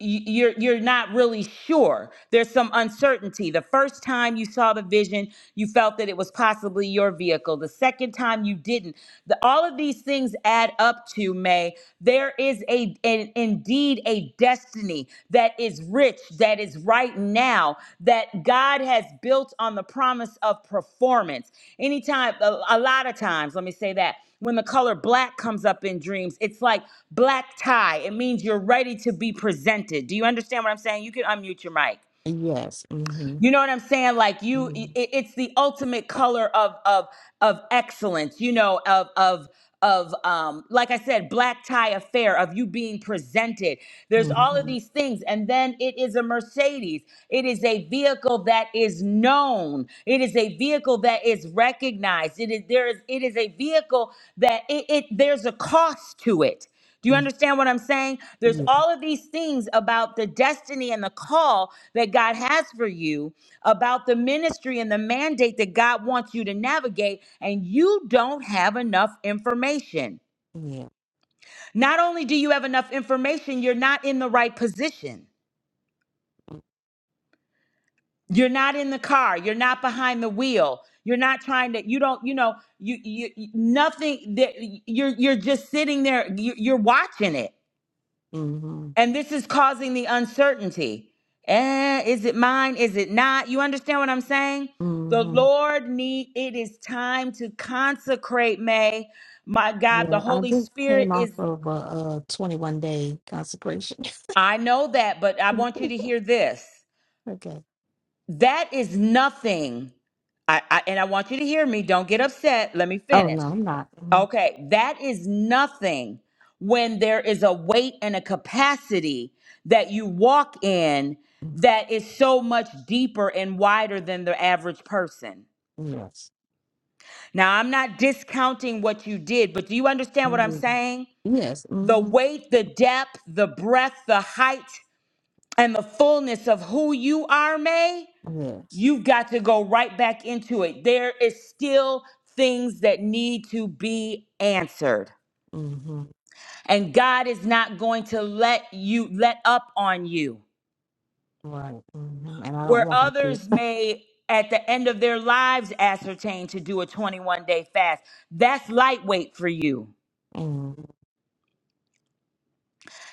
A: y- you're you're not really sure there's some uncertainty the first time you saw the vision you felt that it was possibly your vehicle the second time you didn't the, all of these things add up to may there is a an, indeed a destiny that is written rich that is right now that God has built on the promise of performance. Anytime, a, a lot of times, let me say that. When the color black comes up in dreams, it's like black tie. It means you're ready to be presented. Do you understand what I'm saying? You can unmute your mic.
D: Yes. Mm-hmm.
A: You know what I'm saying? Like you, i-
D: Mm-hmm.
A: it's the ultimate color of of of excellence. You know, of of of um, like I said, black tie affair of you being presented. There's all of
D: Mm-hmm.
A: these things, and then it is a Mercedes. It is a vehicle that is known. It is a vehicle that is recognized. It is there is it is a vehicle that it, it there's a cost to it. Do you
D: mm-hmm,
A: understand what I'm saying? There's
D: Yeah.
A: all of these things about the destiny and the call that God has for you, about the ministry and the mandate that God wants you to navigate, and you don't have enough information.
D: Yeah.
A: Not only do you have enough information, you're not in the right position. You're not in the car, you're not behind the wheel. You're not trying to you don't you know you you you- nothing that you're you're just sitting there you- you're watching it.
D: Mm-hmm.
A: And this is causing the uncertainty. Eh, is it mine? Is it not? You understand what I'm saying? The
D: hmm
A: Lord need it is time to consecrate May. My God, the
D: Yeah, I
A: Holy
D: just
A: Spirit
D: came off
A: is
D: of a, uh 21 day consecration.
A: I know that, but I want
D: *laughs*
A: you to hear this.
D: okay.
A: That is nothing. I, I and I want you to hear me. Don't get upset. Let me
D: Oh, no,
A: finish.
D: I'm not. Mhm.
A: Okay, that is nothing when there is a weight and a capacity that you walk in that is so much deeper and wider than the average person.
D: mm Yes.
A: Now, I'm not discounting what you did, but do you understand what I'm
D: Mhm.
A: saying?
D: Yes.
A: The
D: hmm
A: weight, the depth, the breadth, the height, and the fullness of who you are, May,
D: Yes.
A: you've got to go right back into it. There is still things that need to be answered.
D: hmm
A: And God is not going to let you let up on you.
D: Right. hmm And I don't
A: Where
D: want him to.
A: others may at the end of their lives ascertain to do a 21 day fast, that's lightweight for you.
D: Mm-hmm.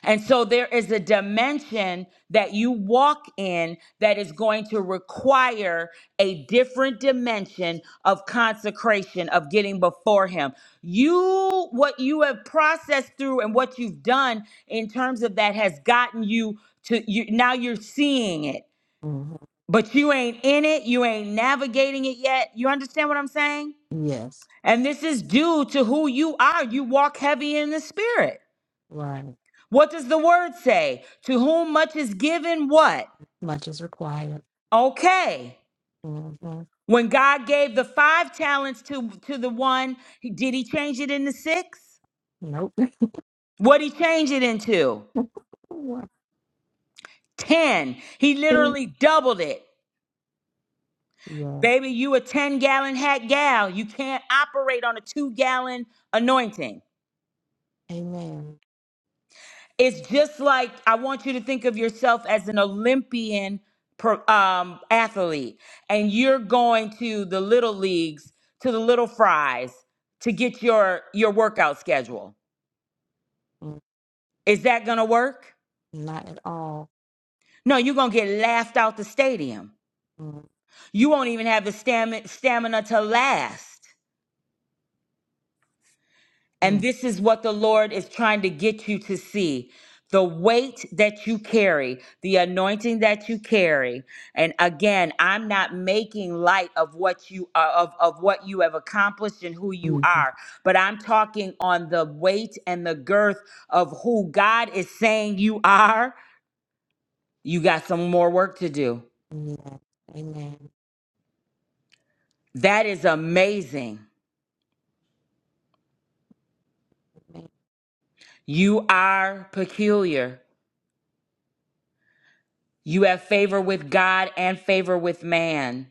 A: And so there is a dimension that you walk in that is going to require a different dimension of consecration, of getting before Him. You, what you have processed through and what you've done in terms of that has gotten you to, you, now you're seeing it,
D: Mm-hmm.
A: but you ain't in it. You ain't navigating it yet. You understand what I'm saying?
D: Yes.
A: And this is due to who you are. You walk heavy in the spirit.
D: Right.
A: What does the word say? To whom much is given, what?
D: Much is required.
A: Okay.
D: hmm
A: When God gave the five talents to, to the one, he- did he change it into six?
D: Nope.
A: What he change it into?
D: *laughs* What?
A: Ten. He
D: Yes.
A: literally doubled it. Baby, you a 10 gallon hat gal. You can't operate on a two gallon anointing.
D: Amen.
A: it's just like I want you to think of yourself as an Olympian per, um, athlete, and you're going to the little leagues, to the little fries, to get your your workout schedule.
D: Mm,
A: Is that gonna work?
D: Not at all.
A: No, you're gonna get laughed out the stadium.
D: Mm-hmm.
A: You won't even have the stamina, stamina to last. And this is what the Lord is trying to get you to see the weight that you carry, the anointing that you carry. And again, I'm not making light of what you uh, of of what you have accomplished and who you are, but I'm talking on the weight and the girth of who God is saying you are. You got some more work to do.
D: Yeah. Amen.
A: That is amazing.
D: Amen.
A: You are peculiar. You have favor with God and favor with man.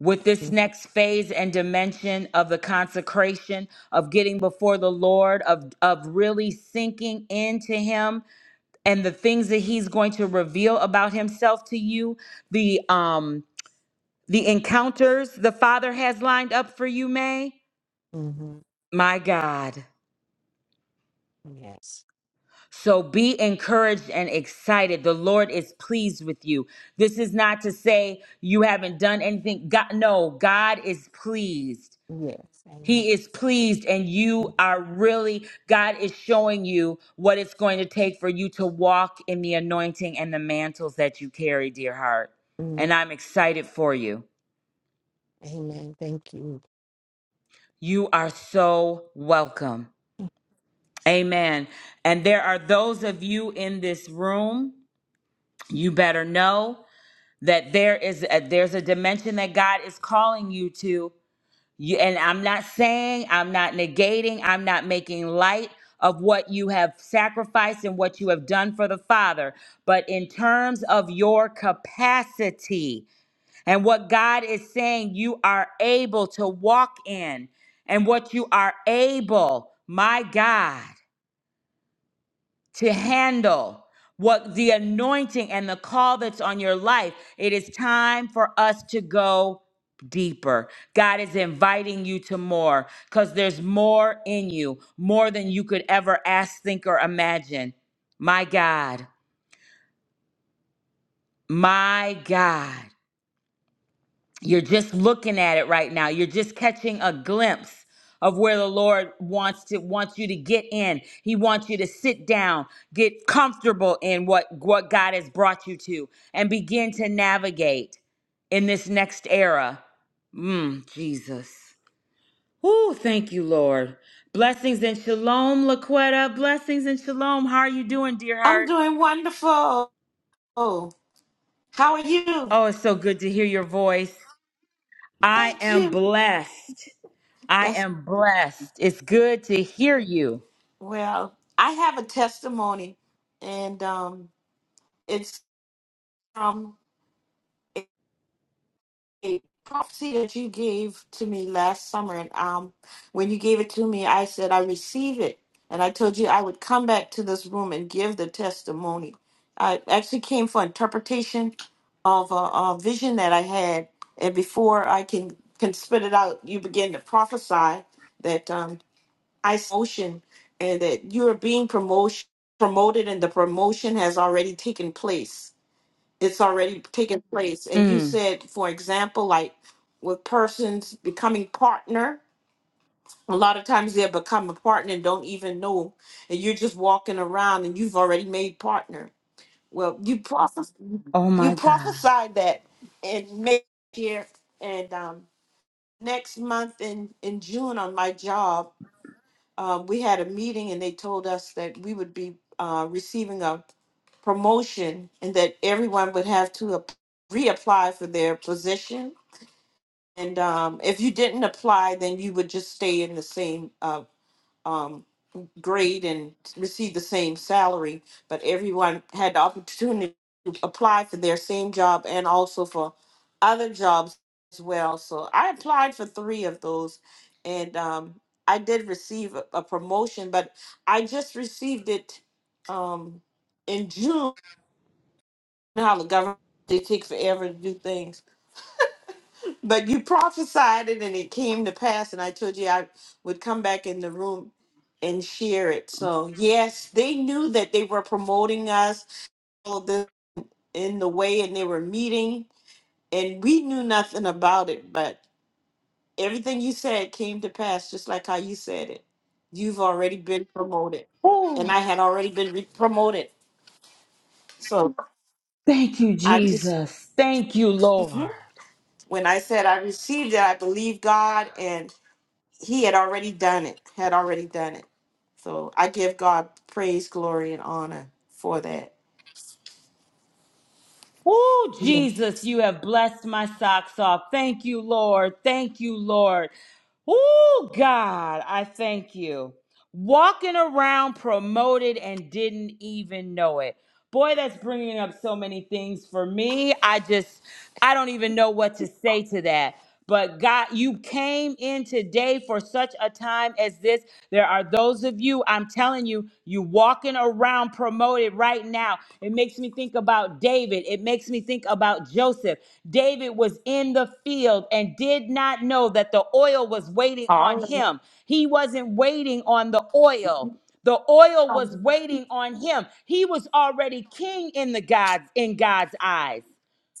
A: with this next phase and dimension of the consecration of getting before the lord of of really sinking into him and the things that he's going to reveal about himself to you the um the encounters the father has lined up for you may
D: hmm
A: my god
D: Yes.
A: so be encouraged and excited. The Lord is pleased with you. This is not to say you haven't done anything. God, no, God is pleased.
D: Yes. Amen.
A: He is pleased, and you are really, God is showing you what it's going to take for you to walk in the anointing and the mantles that you carry, dear heart.
D: mm
A: And I'm excited for you.
D: Amen. Thank you.
A: You are so welcome. Amen. And there are those of you in this room, you better know that there is a, there's a dimension that God is calling you to You, and I'm not saying, I'm not negating, I'm not making light of what you have sacrificed and what you have done for the Father, but in terms of your capacity and what God is saying you are able to walk in and what you are able, my God to handle what the anointing and the call that's on your life. It is time for us to go deeper. God is inviting you to more because there's more in you, more than you could ever ask, think, or imagine. My God, my God. You're just looking at it right now. You're just catching a glimpse of where the Lord wants to wants you to get in. He wants you to sit down, get comfortable in what what God has brought you to and begin to navigate in this next era. Mm, Jesus. Ooh, thank you, Lord. Blessings and shalom, Laquetta. Blessings and shalom. How are you doing, dear
E: I'm
A: heart?
E: doing wonderful. How are you?
A: Oh, it's so good to hear your voice. I
E: Thank
A: am
E: you.
A: blessed. I
E: That's
A: am blessed. It's good to hear you.
E: well, I have a testimony and um it's from a prophecy that you gave to me last summer and um when you gave it to me I said I receive it and I told you I would come back to this room and give the testimony. I actually came for interpretation of a, a vision that I had and before I can can spit it out you begin to prophesy that um I see motion and that you are being promotion promoted and the promotion has already taken place it's already taken place. And you
A: Mm.
E: said, for example, like with persons becoming partner, a lot of times they become a partner and don't even know, and you're just walking around and you've already made partner. Well, you prophes-
A: Oh my
E: you
A: God.
E: prophesied that in May year and um, next month in in June on my job um, we had a meeting and they told us that we would be uh, receiving a promotion and that everyone would have to ap- reapply for their position. And um, if you didn't apply, then you would just stay in the same uh, um, grade and receive the same salary, but everyone had the opportunity to apply for their same job and also for other jobs as well. So I applied for three of those, and um, I did receive a, a promotion, but I just received it um, in June. You know How the government they take forever to do things. But you prophesied it and it came to pass, and I told you I would come back in the room and share it. So, yes, they knew that they were promoting us all this in the way and they were meeting, and we knew nothing about it. But everything you said came to pass, just like how you said it. You've already been promoted, and
A: Oh,
E: I had already been re- promoted. So,
A: thank you,
E: I just,
A: Jesus. Thank you, Lord.
E: Mhm. when I said I received it, I believe God, he had already done it, had already done it. So I give God praise, glory, and honor for that.
A: Oh,
E: Yeah.
A: Jesus, you have blessed my socks off. Thank you, Lord. Thank you, Lord. Oh, God, I thank you. Walking around promoted and didn't even know it. Boy, that's bringing up so many things for me. I just, I don't even know what to say to that. But God, you came in today for such a time as this. There are those of you, I'm telling you, you walking around promoted right now. It makes me think about David. It makes me think about Joseph. David was in the field and did not know that the oil was waiting
E: All
A: on
E: right.
A: him. He wasn't waiting on the oil. The oil was
E: Hallelujah,
A: waiting on him. He was already king in the God's in God's eyes.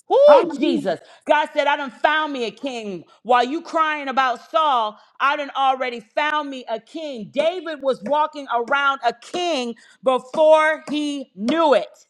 A: Whoo, Jesus. God said, I done found me a king. While you crying about Saul, I done already found me a king. David was walking around a king before he knew it.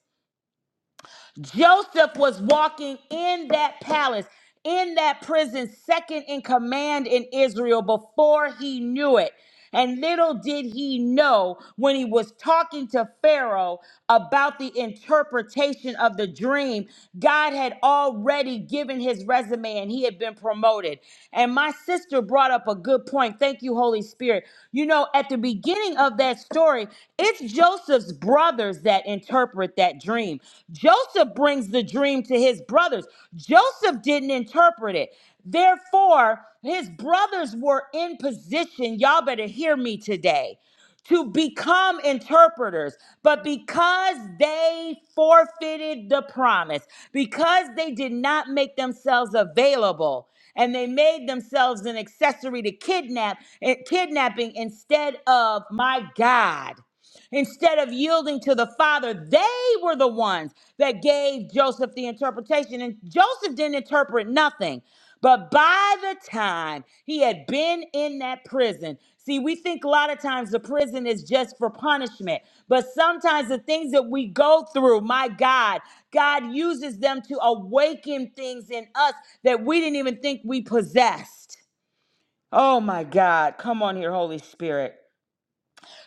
A: Joseph was walking in that palace, in that prison, second in command in Israel before he knew it. And little did he know when he was talking to Pharaoh about the interpretation of the dream, God had already given his resume and he had been promoted anointed. And my sister brought up a good point. Thank you, Holy Spirit. You know, at the beginning of that story, it's Joseph's brothers that interpret that dream. Joseph brings the dream to his brothers. Joseph didn't interpret it. Therefore, his brothers were in position. Y'all better hear me today to become interpreters, but because they forfeited the promise, because they did not make themselves available, and they made themselves an accessory to kidnap, eh, kidnapping instead of my God. Instead of yielding to the Father, they were the ones that gave Joseph the interpretation. And Joseph didn't interpret nothing. But by the time he had been in that prison, see, we think a lot of times the prison is just for punishment. But sometimes the things that we go through, my God, God uses them to awaken things in us that we didn't even think we possessed. Oh, my God. Come on here, Holy Spirit.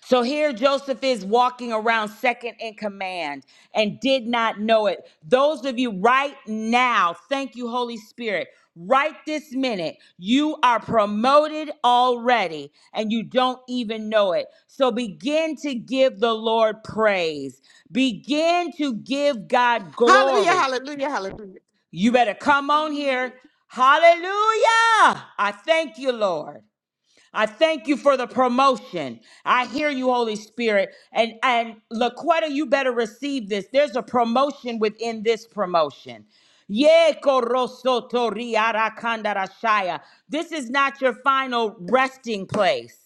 A: So here Joseph is walking around second in command and did not know it. Those of you right now, thank you, Holy Spirit. Right this minute, you are promoted already and you don't even know it. So begin to give the Lord praise. Begin to give God
E: hallelujah,
A: glory.
E: hallelujah. hallelujah.
A: You better come on
E: Hallelujah.
A: here. Hallelujah. I thank you, Lord. I thank you for the promotion. I hear you, Holy Spirit. And and Laquetta, you better receive this. There's a promotion within this promotion. Ye koroso tori ara kandara This is not your final resting place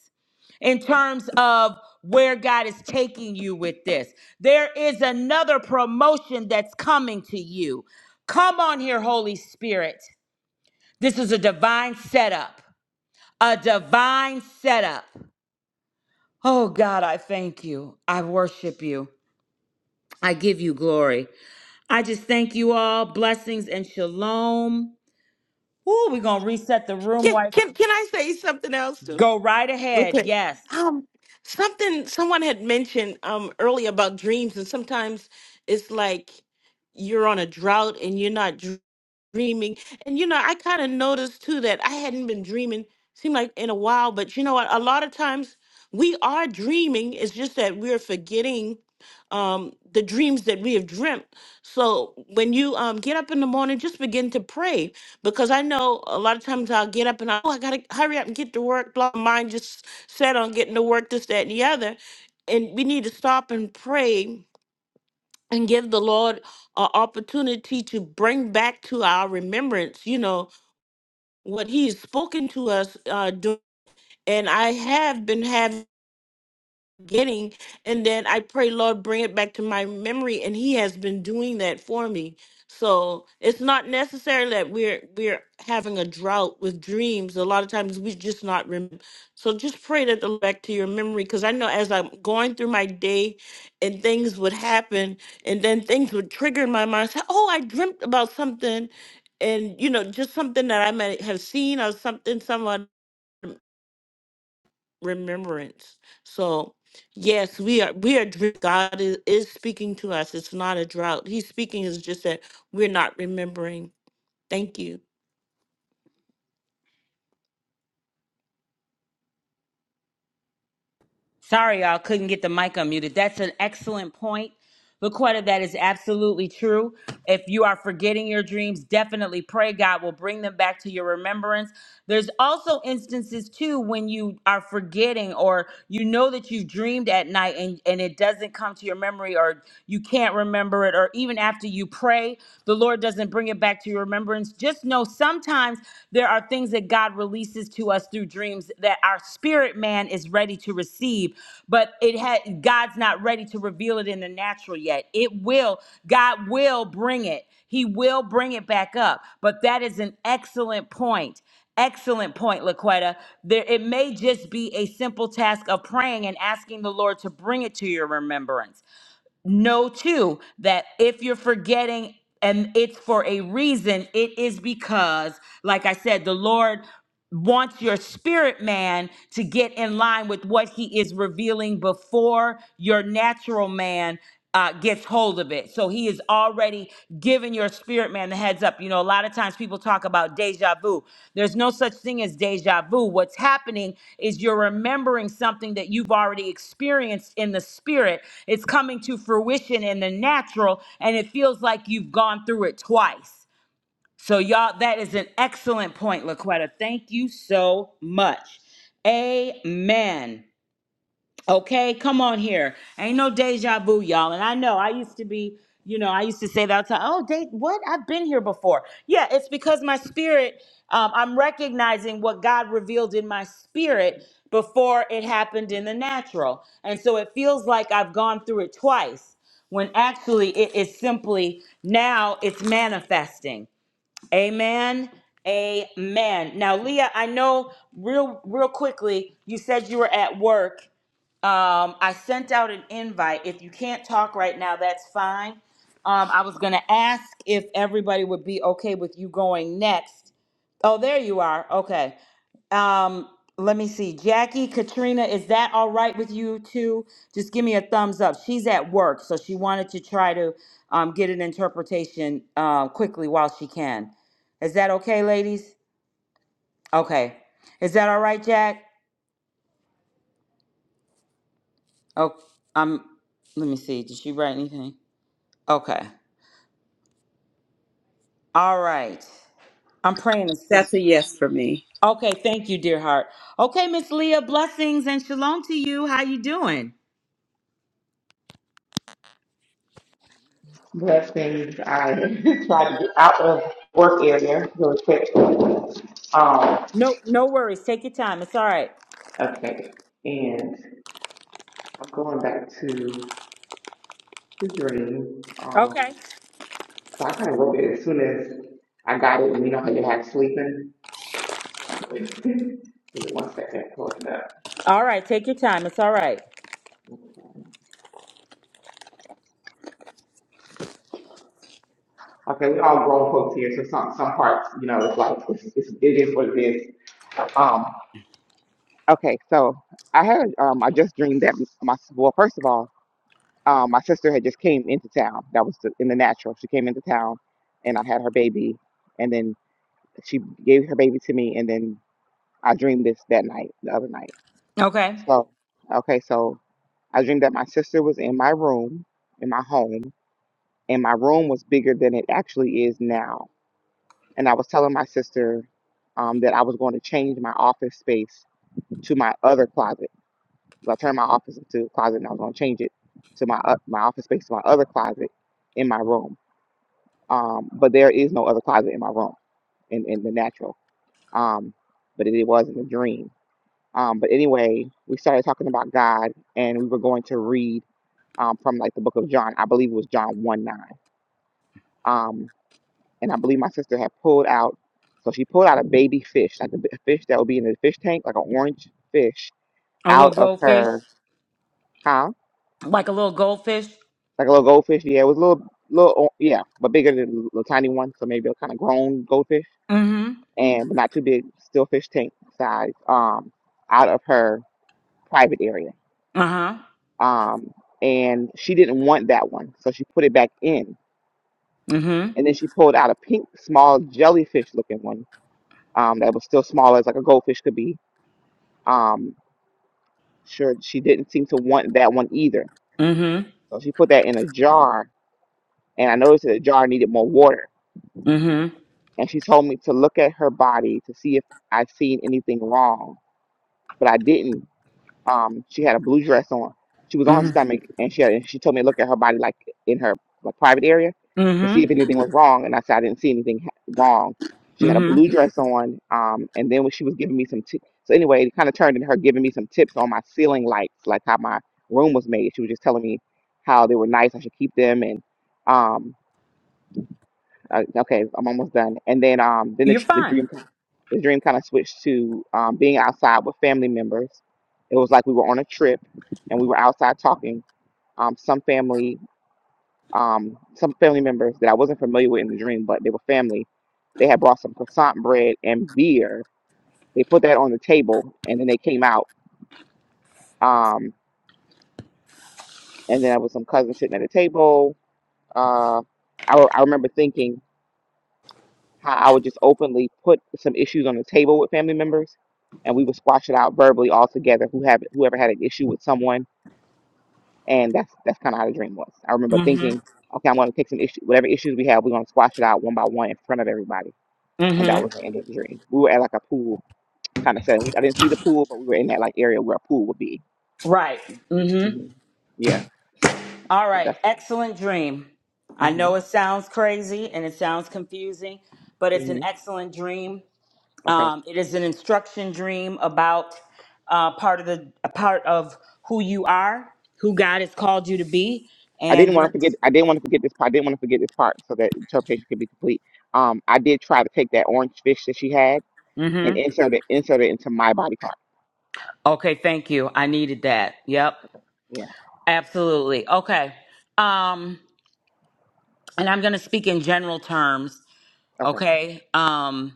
A: in terms of where God is taking you with this. There is another promotion that's coming to you. Come on here, Holy Spirit. This is a divine setup. A divine setup. Oh God, I thank you. I worship you. I give you glory. I just thank you all. Blessings and shalom. Ooh, we're gonna reset the room
E: Can,
A: right.
E: can can I say something else too?
A: Go right ahead.
E: Okay.
A: Yes.
E: Um, something someone had mentioned um earlier about dreams, and sometimes it's like you're on a drought and you're not dreaming. And you know, I kind of noticed too that I hadn't been dreaming, seemed like in a while, but you know what? A lot of times we are dreaming. It's just that we're forgetting um the dreams that we have dreamt. So when you um get up in the morning, just begin to pray. Because I know a lot of times I'll get up and I oh I gotta hurry up and get to work. Blah mine just set on getting to work, this, that, and the other. And we need to stop and pray and give the Lord an opportunity to bring back to our remembrance, you know, what He's spoken to us. Uh, dur- and I have been having getting and then i pray lord bring it back to my memory and he has been doing that for me so it's not necessary that we're we're having a drought with dreams a lot of times we just not rem- so just pray that the Lord back to your memory because i know as i'm going through my day and things would happen and then things would trigger in my mind say oh i dreamt about something and you know just something that i might have seen or something someone remembrance. So, yes, we are. We are. dr- God is, is speaking to us. It's not a drought. He's speaking. Is just that we're not remembering. Thank you.
A: Sorry, y'all couldn't get the mic unmuted. That's an excellent point. Laquetta, that is absolutely true. If you are forgetting your dreams, definitely pray God will bring them back to your remembrance. There's also instances too when you are forgetting or you know that you've dreamed at night and, and it doesn't come to your memory or you can't remember it, or even after you pray, the Lord doesn't bring it back to your remembrance. Just know so sometimes there are things that God releases to us through dreams that our spirit man is ready to receive, but it had God's not ready to reveal it in the natural yet. It will, God will bring it. He will bring it back up. But that is an excellent point. Excellent point, Laquetta. There, it may just be a simple task of praying and asking the Lord to bring it to your remembrance know too that if you're forgetting and it's for a reason, it is because, like I said, the Lord wants your spirit man to get in line with what he is revealing before your natural man uh, gets hold of it. So he is already giving your spirit man the heads up. You know, a lot of times people talk about deja vu. There's no such thing as deja vu. What's happening is you're remembering something that you've already experienced in the spirit. It's coming to fruition in the natural, and it feels like you've gone through it twice. So, y'all, that is an excellent point, Laquetta. Thank you so much. Amen. Okay, come on here. Ain't no deja vu, y'all. And I know I used to be, you know, I used to say that. all the time. oh, de- what? I've been here before. Yeah, it's because my spirit, um, I'm recognizing what God revealed in my spirit before it happened in the natural. And so it feels like I've gone through it twice when actually it is simply now it's manifesting. Amen. Amen. Now, Leah, I know real real quickly, you said you were at work um, I sent out an invite. If you can't talk right now, that's fine. Um, I was going to ask if everybody would be okay with you going next. Oh, there you are. Okay. Um, let me see. Jackie, Katrina, is that all right with you too? Just give me a thumbs up. She's at work, so she wanted to try to um, get an interpretation uh, quickly while she can. Is that okay, ladies? Okay. Is that all right, Jack? Oh, um. Let me see. Did she write anything? Okay. All right. I'm praying. this-
F: That's a yes for me.
A: Okay, thank you, dear heart. Okay, Miss Leah, blessings and shalom to you. How you doing?
G: Blessings. I *laughs* tried to get out of work area really quick. Um,
A: No, no worries. Take your time. It's all right.
G: okay. And I'm going back to the dream.
A: Okay.
G: Um, so I kind of wrote it as soon as I got it. And you know how you have sleeping? So *laughs* give me one second. Pull it up.
A: All right, take your time. It's all right.
G: Okay, we all grown folks here, so some some parts, you know, it's like it's, it's, it is what it is. Um, okay, so I had um, I just dreamed that my well, first of all. Um, my sister had just came into town. That was the, in the natural. She came into town, and I had her baby, and then she gave her baby to me, and then I dreamed this that night, the other night.
A: Okay.
G: So, okay, so I dreamed that my sister was in my room, in my home, and my room was bigger than it actually is now. And I was telling my sister um, that I was going to change my office space to my other closet. 'Cause I turned my office into a closet, and I was going to change it to my o- my office space to my other closet in my room Um, but there is no other closet in my room in, in the natural. Um, but it, it was in a dream. Um, but anyway, we started talking about God and we were going to read um, from like the book of John. I believe it was John 1 9. Um, and I believe my sister had pulled out, so she pulled out a baby fish, like a bi- fish that would be in the fish tank, like an orange fish,
A: A little
G: out of
A: goldfish.
G: her, huh?
A: Like a little goldfish.
G: Like a little goldfish. Yeah, it was a little, little, o- yeah, but bigger than a little tiny one. So maybe a kind of grown goldfish
A: Mm-hmm.
G: and but not too big, still fish tank size, um, out of her private area.
A: Uh-huh.
G: Um, and she didn't want that one, so she put it back in.
A: Mm-hmm.
G: And then she pulled out a pink, small jellyfish looking one, um, that was still small as like a goldfish could be. Um, sure, she didn't seem to want that one either.
A: Mm-hmm.
G: So she put that in a jar, and I noticed that the jar needed more water.
A: Mm-hmm.
G: And she told me to look at her body to see if i seen anything wrong, but I didn't. Um, she had a blue dress on. She was on her
A: Mm-hmm.
G: stomach, and she had, and she told me to look at her body like in her like private area to see
A: Mm-hmm.
G: if anything was wrong. And I said I didn't see anything ha- wrong. She had a
A: Mm-hmm.
G: blue dress on, um, and then when she was giving me some tips. So anyway, it kind of turned into her giving me some tips on my ceiling lights, like how my room was made. She was just telling me how they were nice, I should keep them, and um, uh, okay, I'm almost done. And then um then the,
A: You're
G: tr- the
A: fine.
G: dream kind the dream kind of switched to um, being outside with family members. It was like we were on a trip and we were outside talking. Um, some family um, some family members that I wasn't familiar with in the dream, but they were family. They had brought some croissant bread and beer. They put that on the table and then they came out. Um, and then there was some cousins sitting at the table. Uh, I, re- I remember thinking. how I would just openly put some issues on the table with family members, and we would squash it out verbally all together. Who have whoever had an issue with someone, and that's that's kind of how the dream was. I remember
A: Mm-hmm.
G: thinking, okay, I'm going to take some issue, whatever issues we have, we're going to squash it out one by one in front of everybody, and that was
A: Mm-hmm.
G: the end of the dream. We were at like a pool kind of setting. We, I didn't see the pool, but we were in that like area where a pool would be.
A: Right. Mm-hmm.
G: hmm Yeah,
A: All right,
G: that's.
A: excellent dream. I
G: Mm-hmm.
A: know it sounds crazy and it sounds confusing, but it's an
G: Mm-hmm.
A: excellent dream.
G: Okay.
A: Um, it is an instruction dream about uh, part of the a part of who you are, who God has called you to be,
G: I didn't
A: and
G: want to
A: your.
G: forget. I didn't want to forget this part. I didn't want to forget this part so that interpretation could be complete. Um, I did try to take that orange fish that she had and
A: Mm-hmm.
G: insert it, insert it into my body part.
A: Okay, thank you. I
G: Okay.
A: needed that. Yep,
G: Yeah.
A: absolutely. Okay, um, and I'm going to speak in general terms.
G: Okay.
A: Okay, um,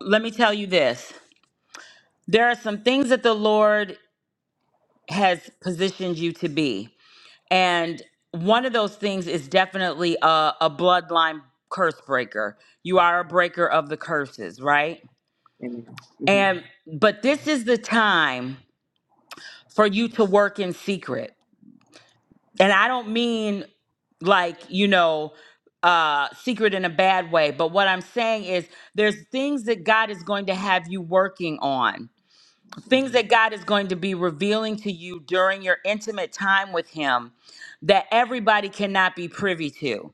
A: let me tell you this: there are some things that the Lord has positioned you to be. And one of those things is definitely a, a bloodline curse breaker. You are a breaker of the curses, right?
G: Amen. hmm
A: And but this is the time for you to work in secret. And I don't mean like, you know, uh secret in a bad way, but what I'm saying is there's things that God is going to have you working on
G: hmm
A: things that God is going to be revealing to you during your intimate time with Him that everybody cannot be privy to.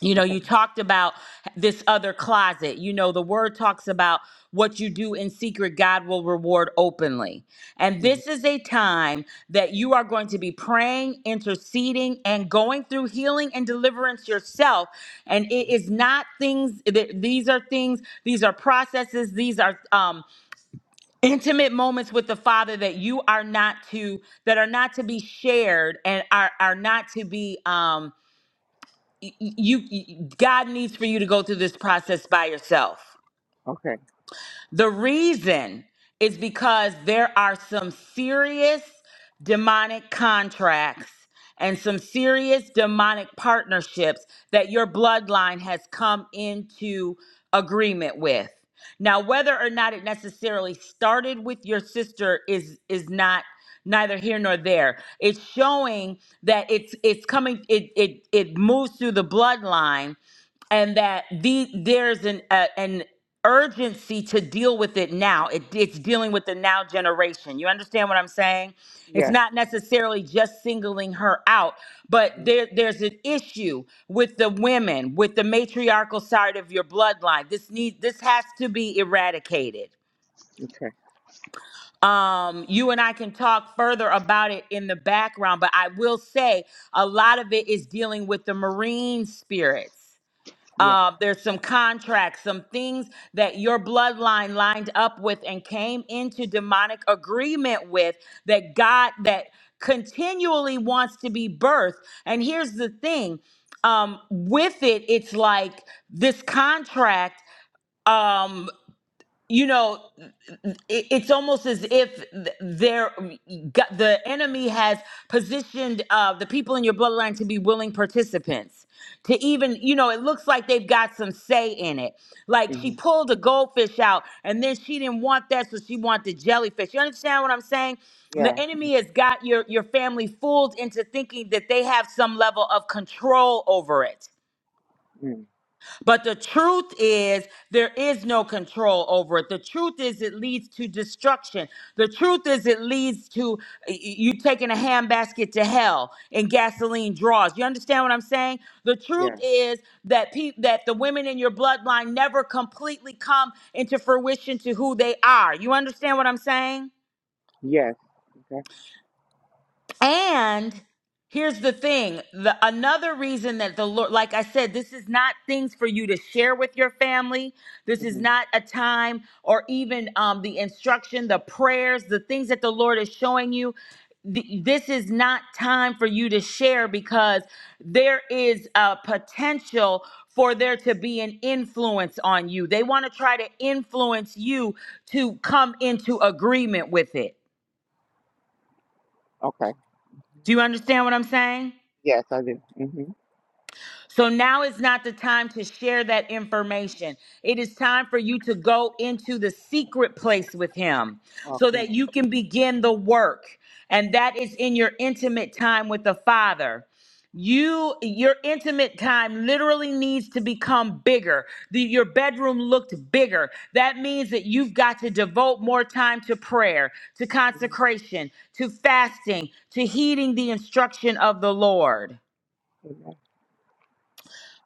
A: You know,
G: Okay.
A: you talked about this other closet. You know, the word talks about what you do in secret, God will reward openly. And
G: hmm
A: this is a time that you are going to be praying, interceding, and going through healing and deliverance yourself. And
G: hmm
A: it is not things, th- these are things, these are processes, these are um intimate moments with the father that you are not to that are not to be shared and are are not to be um y- y- you, you god needs for you to go through this process by yourself
G: Okay.
A: the reason is because there are some serious demonic contracts and some serious demonic partnerships that your bloodline has come into agreement with. Now, whether or not it necessarily started with your sister is is not neither here nor there. It's showing that it's it's coming it it it moves through the bloodline and that the there's an uh, an urgency to deal with it now. It, it's dealing with the now generation. You understand what I'm saying? It's
G: Yes.
A: not necessarily just singling her out, but
G: hmm
A: there there's an issue with the women, with the matriarchal side of your bloodline. This need this has to be eradicated.
G: Okay.
A: Um, you and I can talk further about it in the background, but I will say a lot of it is dealing with the marine spirits
G: Yeah.
A: uh, there's some contracts, some things that your bloodline lined up with and came into demonic agreement with that God that continually wants to be birthed. And here's the thing, um, with it, it's like this contract. Um, you know it- it's almost as if there the enemy has positioned uh, the people in your bloodline to be willing participants to even you know it looks like they've got some say in it like she
G: hmm
A: pulled a goldfish out and then she didn't want that so she wanted the jellyfish you understand what i'm saying
G: Yeah.
A: the enemy has got your your family fooled into thinking that they have some level of control over it
G: mm
A: but the truth is, there is no control over it. The truth is, it leads to destruction. The truth is, it leads to y- you taking a handbasket to hell and gasoline draws. You understand what I'm saying? The truth
G: Yeah.
A: is that pe- that the women in your bloodline never completely come into fruition to who they are. You understand what I'm saying?
G: Yes. Okay.
A: And here's the thing the another reason that the Lord, like I said, this is not things for you to share with your family. This is
G: hmm
A: not a time or even um, the instruction, the prayers, the things that the Lord is showing you. th- This is not time for you to share because there is a potential for there to be an influence on you. They want to try to influence you to come into agreement with it.
G: Okay.
A: Do you understand what I'm saying?
G: Yes, I do. hmm
A: So now is not the time to share that information. It is time for you to go into the secret place with Him so
G: Okay.
A: that you can begin the work. And that is in your intimate time with the Father. You, your intimate time literally needs to become bigger. The, your bedroom looked bigger. That means that you've got to devote more time to prayer, to
G: Amen.
A: consecration, to fasting, to heeding the instruction of the Lord.
G: Amen.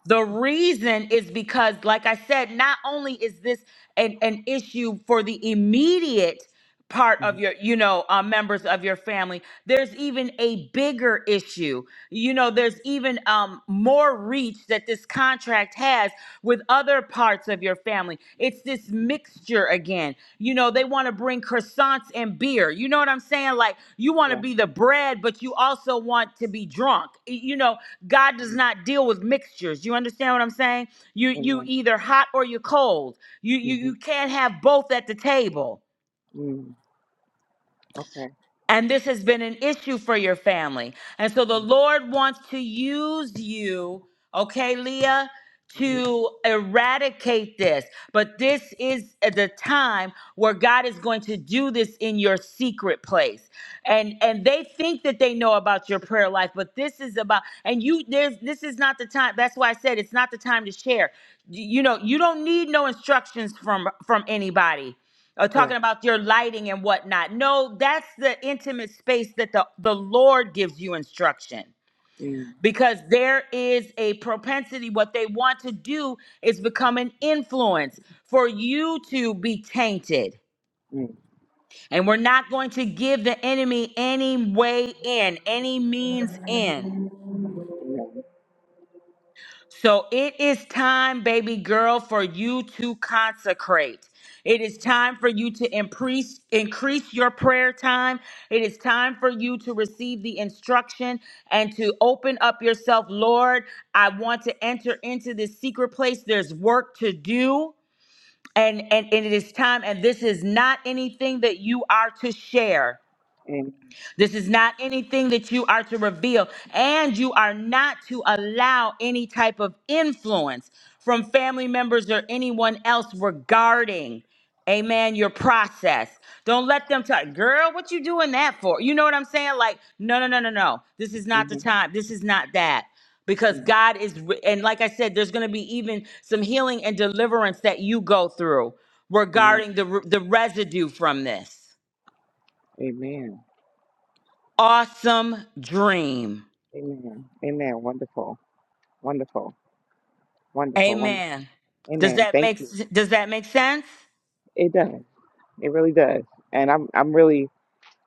A: The reason is because, like I said, not only is this an, an issue for the immediate part
G: hmm
A: of your, you know, uh, members of your family, there's even a bigger issue. You know, there's even um, more reach that this contract has with other parts of your family. It's this mixture again. You know, they want to bring croissants and beer. You know what I'm saying? Like, you want to
G: Yeah.
A: be the bread, but you also want to be drunk. You know, God does
G: mm
A: not deal with mixtures. You understand what I'm saying? You you
G: Amen.
A: either hot or you are cold. You you
G: hmm
A: you can't have both at the table.
G: mm Okay.
A: And this has been an issue for your family. And so the Lord wants to use you, okay, Leah,
G: hmm
A: to eradicate this. But this is at the time where God is going to do this in your secret place. And and they think that they know about your prayer life, but this is about and you there's this is not the time. That's why I said it's not the time to share. You you know, you don't need no instructions from from anybody uh,
G: Yeah.
A: talking about your lighting and whatnot. No, that's the intimate space that the, the Lord gives you instruction because there is a propensity. What they want to do is become an influence for you to be tainted.
G: Mhm.
A: And we're not going to give the enemy any way in, any means in.
G: Amen.
A: So it is time, baby girl, for you to consecrate. It is time for you to increase increase your prayer time. It is time for you to receive the instruction and to open up yourself, Lord. I want to enter into this secret place. There's work to do. And, and, and it is time, and this is not anything that you are to share.
G: Amen.
A: This is not anything that you are to reveal, and you are not to allow any type of influence from family members or anyone else regarding, amen, your process. Don't let them tell, girl, what you doing that for? You know what I'm saying? Like, no, no, no, no, no. This is not the
G: Mhm.
A: time. This is not that. Because
G: Mhm.
A: God is, and like I said, there's going to be even some healing and deliverance that you go through
G: Amen.
A: regarding the, the residue from this.
G: Amen.
A: Awesome dream.
G: Amen. Amen. Wonderful. Wonderful. Wonderful. Wonderful.
A: Amen. Does
G: Amen.
A: that
G: Thank
A: make
G: you.
A: does that make sense?
G: It does. It really does. And I'm I'm really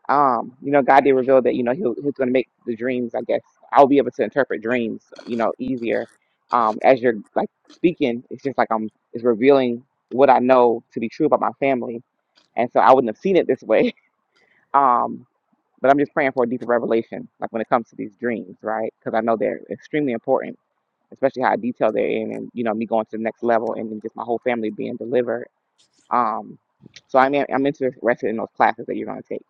G: um, you know, God did reveal that, you know, he'll he's gonna make the dreams, I guess. I'll be able to interpret dreams, you know, easier. Um, as you're like speaking, it's just like I'm it's revealing what I know to be true about my family. And so I wouldn't have seen it this way. *laughs* Um, But I'm just praying for a deeper revelation, like when it comes to these dreams, right? Because I know they're extremely important, especially how detailed they're in, and you know me going to the next level, and then just my whole family being delivered. Um, so I'm I'm interested in those classes that you're going to take.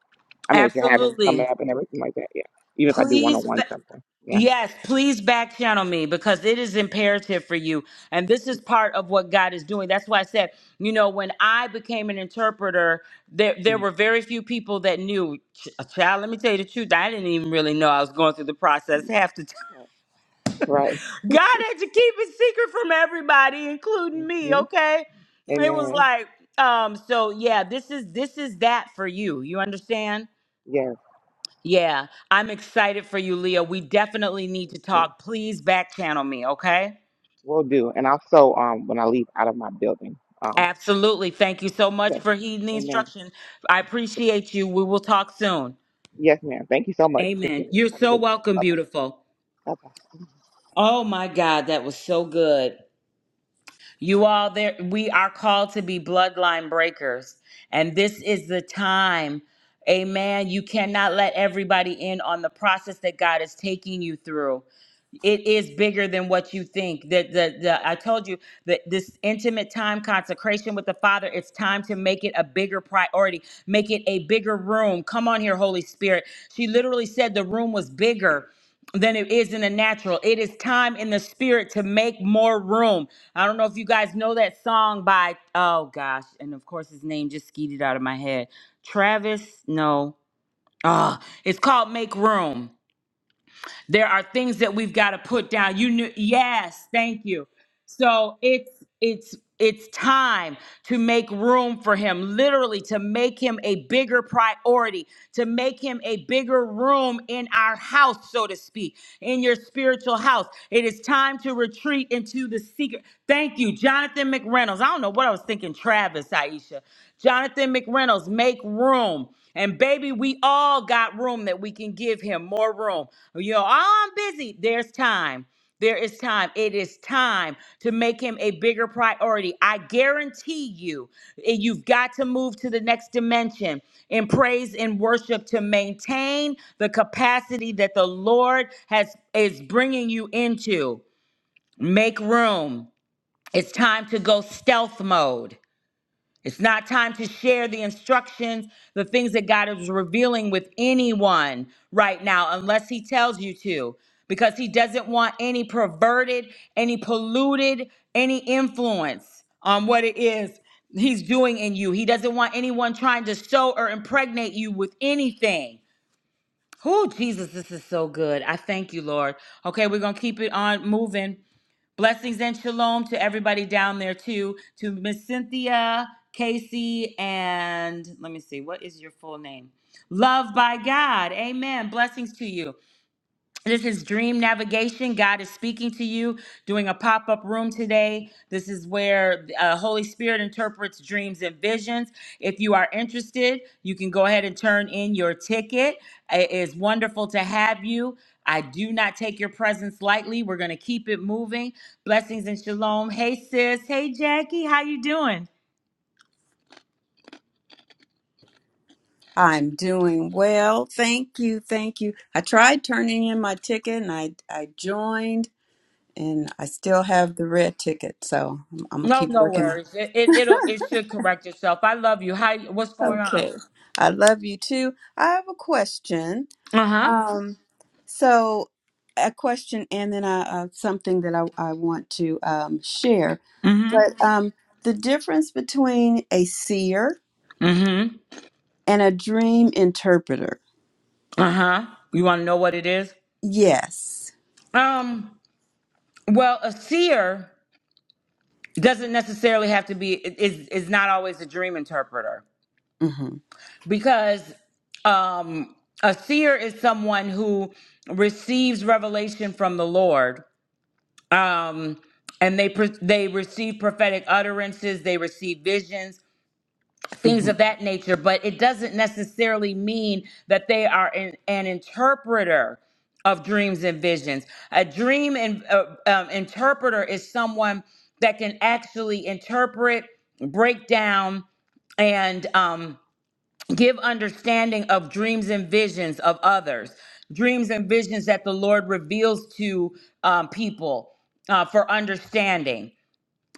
G: I mean, that you're having coming
A: Absolutely.
G: up and everything like that. Yeah, even if I do one on
A: Please
G: one
A: ba-
G: something. Yeah.
A: yes, please back channel me because it is imperative for you. And this is part of what God is doing. That's why I said, you know, when I became an interpreter, there there
G: Mhm.
A: were very few people that knew Ch- child, let me tell you the truth. I didn't even really know I was going through the process half the
G: Right.
A: God had to keep it secret from everybody, including me,
G: hmm
A: okay? It was
G: Amen.
A: like, um, so yeah, this is this is that for you. You understand?
G: Yes.
A: Yeah. I'm excited for you, Leah. We definitely need to
G: Yes.
A: talk. Please back channel me, okay?
G: Will do. And also, um, when I leave out of my building. Um.
A: Absolutely. Thank you so much
G: Yes.
A: for heeding the
G: Amen.
A: instruction. I appreciate you. We will talk soon.
G: Yes, ma'am. Thank you so much.
A: Amen.
G: Appreciate it.
A: You're
G: Have a
A: so
G: good day.
A: welcome,
G: Bye. Bye
A: beautiful.
G: bye. bye.
A: Oh my God, that was so good. You all there we are called to be bloodline breakers and this is the time. Amen. You cannot let everybody in on the process that God is taking you through it is bigger than what you think that the, the i told you that this intimate time consecration with the father it's time to make it a bigger priority make it a bigger room come on here holy spirit she literally said the room was bigger than it is in the natural. It is time in the spirit to make more room. I don't know if you guys know that song by oh gosh, and of course his name just skeeted out of my head. Travis, no. Ah, it's called Make Room. There are things that we've got to put down. You knew, yes, thank you. So it's it's it's time to make room for him, literally to make him a bigger priority, to make him a bigger room in our house, so to speak, in your spiritual house. It is time to retreat into the secret. Thank you, Jonathan McReynolds. I don't know what I was thinking, Travis, Aisha. Jonathan McReynolds, make room. And baby, we all got room that we can give him more room. You know, "Oh, I'm busy. There's time. There is time. It is time to make him a bigger priority. I guarantee you, eh, you've got to move to the next dimension in praise and worship to maintain the capacity that the Lord has is bringing you into. Make room. It's time to go stealth mode. It's not time to share the instructions, the things that God is revealing with anyone right now, unless He tells you to, because He doesn't want any perverted, any polluted, any influence on what it is He's doing in you. He doesn't want anyone trying to sow or impregnate you with anything. Oh, Jesus, this is so good. I thank you, Lord. Okay, we're going to keep it on moving. Blessings and shalom to everybody down there too. To Miss Cynthia, Casey, and let me see, what is your full name? Love by God. Amen. Blessings to you. This is Dream Navigation. God is speaking to you, doing a pop up room today. This is where uh, Holy Spirit interprets dreams and visions. If you are interested, you can go ahead and turn in your ticket. It is wonderful to have you. I do not take your presence lightly. We're going to keep it moving. Blessings and shalom. Hey sis. Hey Jackie. How you doing?
F: I'm doing well. Thank you. Thank you. I tried turning in my ticket and I, I joined and I still have the red ticket. So I'm, I'm going to
A: No,
F: keep
A: no
F: working on
A: worries. It, it
F: it.
A: it'll
F: *laughs*
A: it should correct itself. I love you. How what's going on?
F: Okay. I love you too. I have a question.
A: Uh huh.
F: Um, so a question and then I, uh, something that I, I want to um, share.
A: Mm
F: But
A: hmm.
F: um, the difference between a seer
A: Mm hmm.
F: and a dream interpreter.
A: Uh-huh. You want to know what it is?
F: Yes.
A: Um, well, a seer doesn't necessarily have to be is is not always a dream interpreter
F: Mhm.
A: because um a seer is someone who receives revelation from the Lord. Um and they pre- they receive prophetic utterances, they receive visions, things
F: Mhm.
A: of that nature, but it doesn't necessarily mean that they are an, an interpreter of dreams and visions. A dream and uh, um, interpreter is someone that can actually interpret, break down, and um, give understanding of dreams and visions of others, dreams and visions that the Lord reveals to um, people uh, for understanding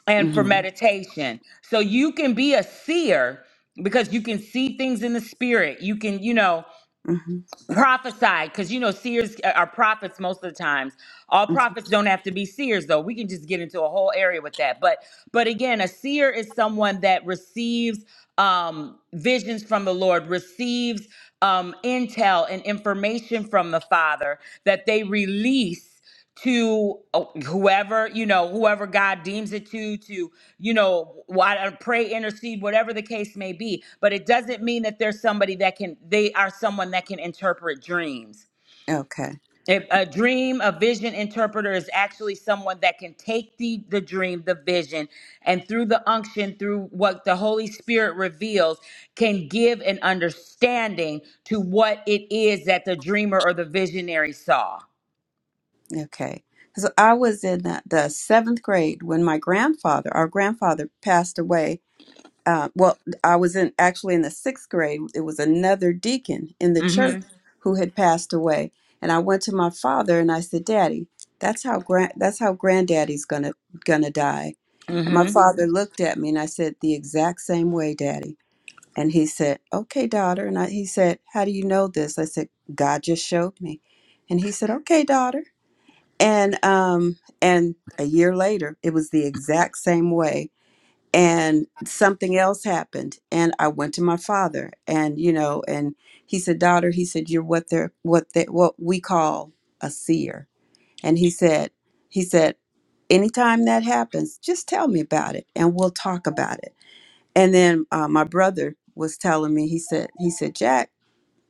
A: and for
F: Mhm.
A: meditation. So you can be a seer because you can see things in the spirit. You can, you know,
F: Mhm.
A: prophesy because you know seers are prophets most of the times. All
F: mhm.
A: prophets don't have to be seers though. We can just get into a whole area with that. But but again, a seer is someone that receives um visions from the Lord, receives um intel and information from the Father that they release to uh, whoever you know whoever god deems it to to you know why uh, pray intercede whatever the case may be but it doesn't mean that there's somebody that can they are someone that can interpret dreams
F: Okay.
A: If a dream a vision interpreter is actually someone that can take the the dream the vision and through the unction through what the holy spirit reveals can give an understanding to what it is that the dreamer or the visionary saw
F: Okay. So I was in the, the seventh grade when my grandfather, our grandfather, passed away. Uh, well, I was in actually in the sixth grade. It was another deacon in the church
A: mhm
F: who had passed away, and I went to my father and I said, "Daddy, that's how grand that's how granddaddy's gonna gonna die." And my
A: mhm
F: father looked at me and I said, "The exact same way, Daddy." And he said, Okay, daughter. And I, he said, How do you know this? I said, God just showed me. And he said, Okay, daughter. And um, and a year later, it was the exact same way. And something else happened. And I went to my father and you know, and he said, Daughter, he said, You're what they're what they what we call a seer. And he said, he said, anytime that happens, just tell me about it and we'll talk about it. And then uh, my brother was telling me, he said, he said, Jack,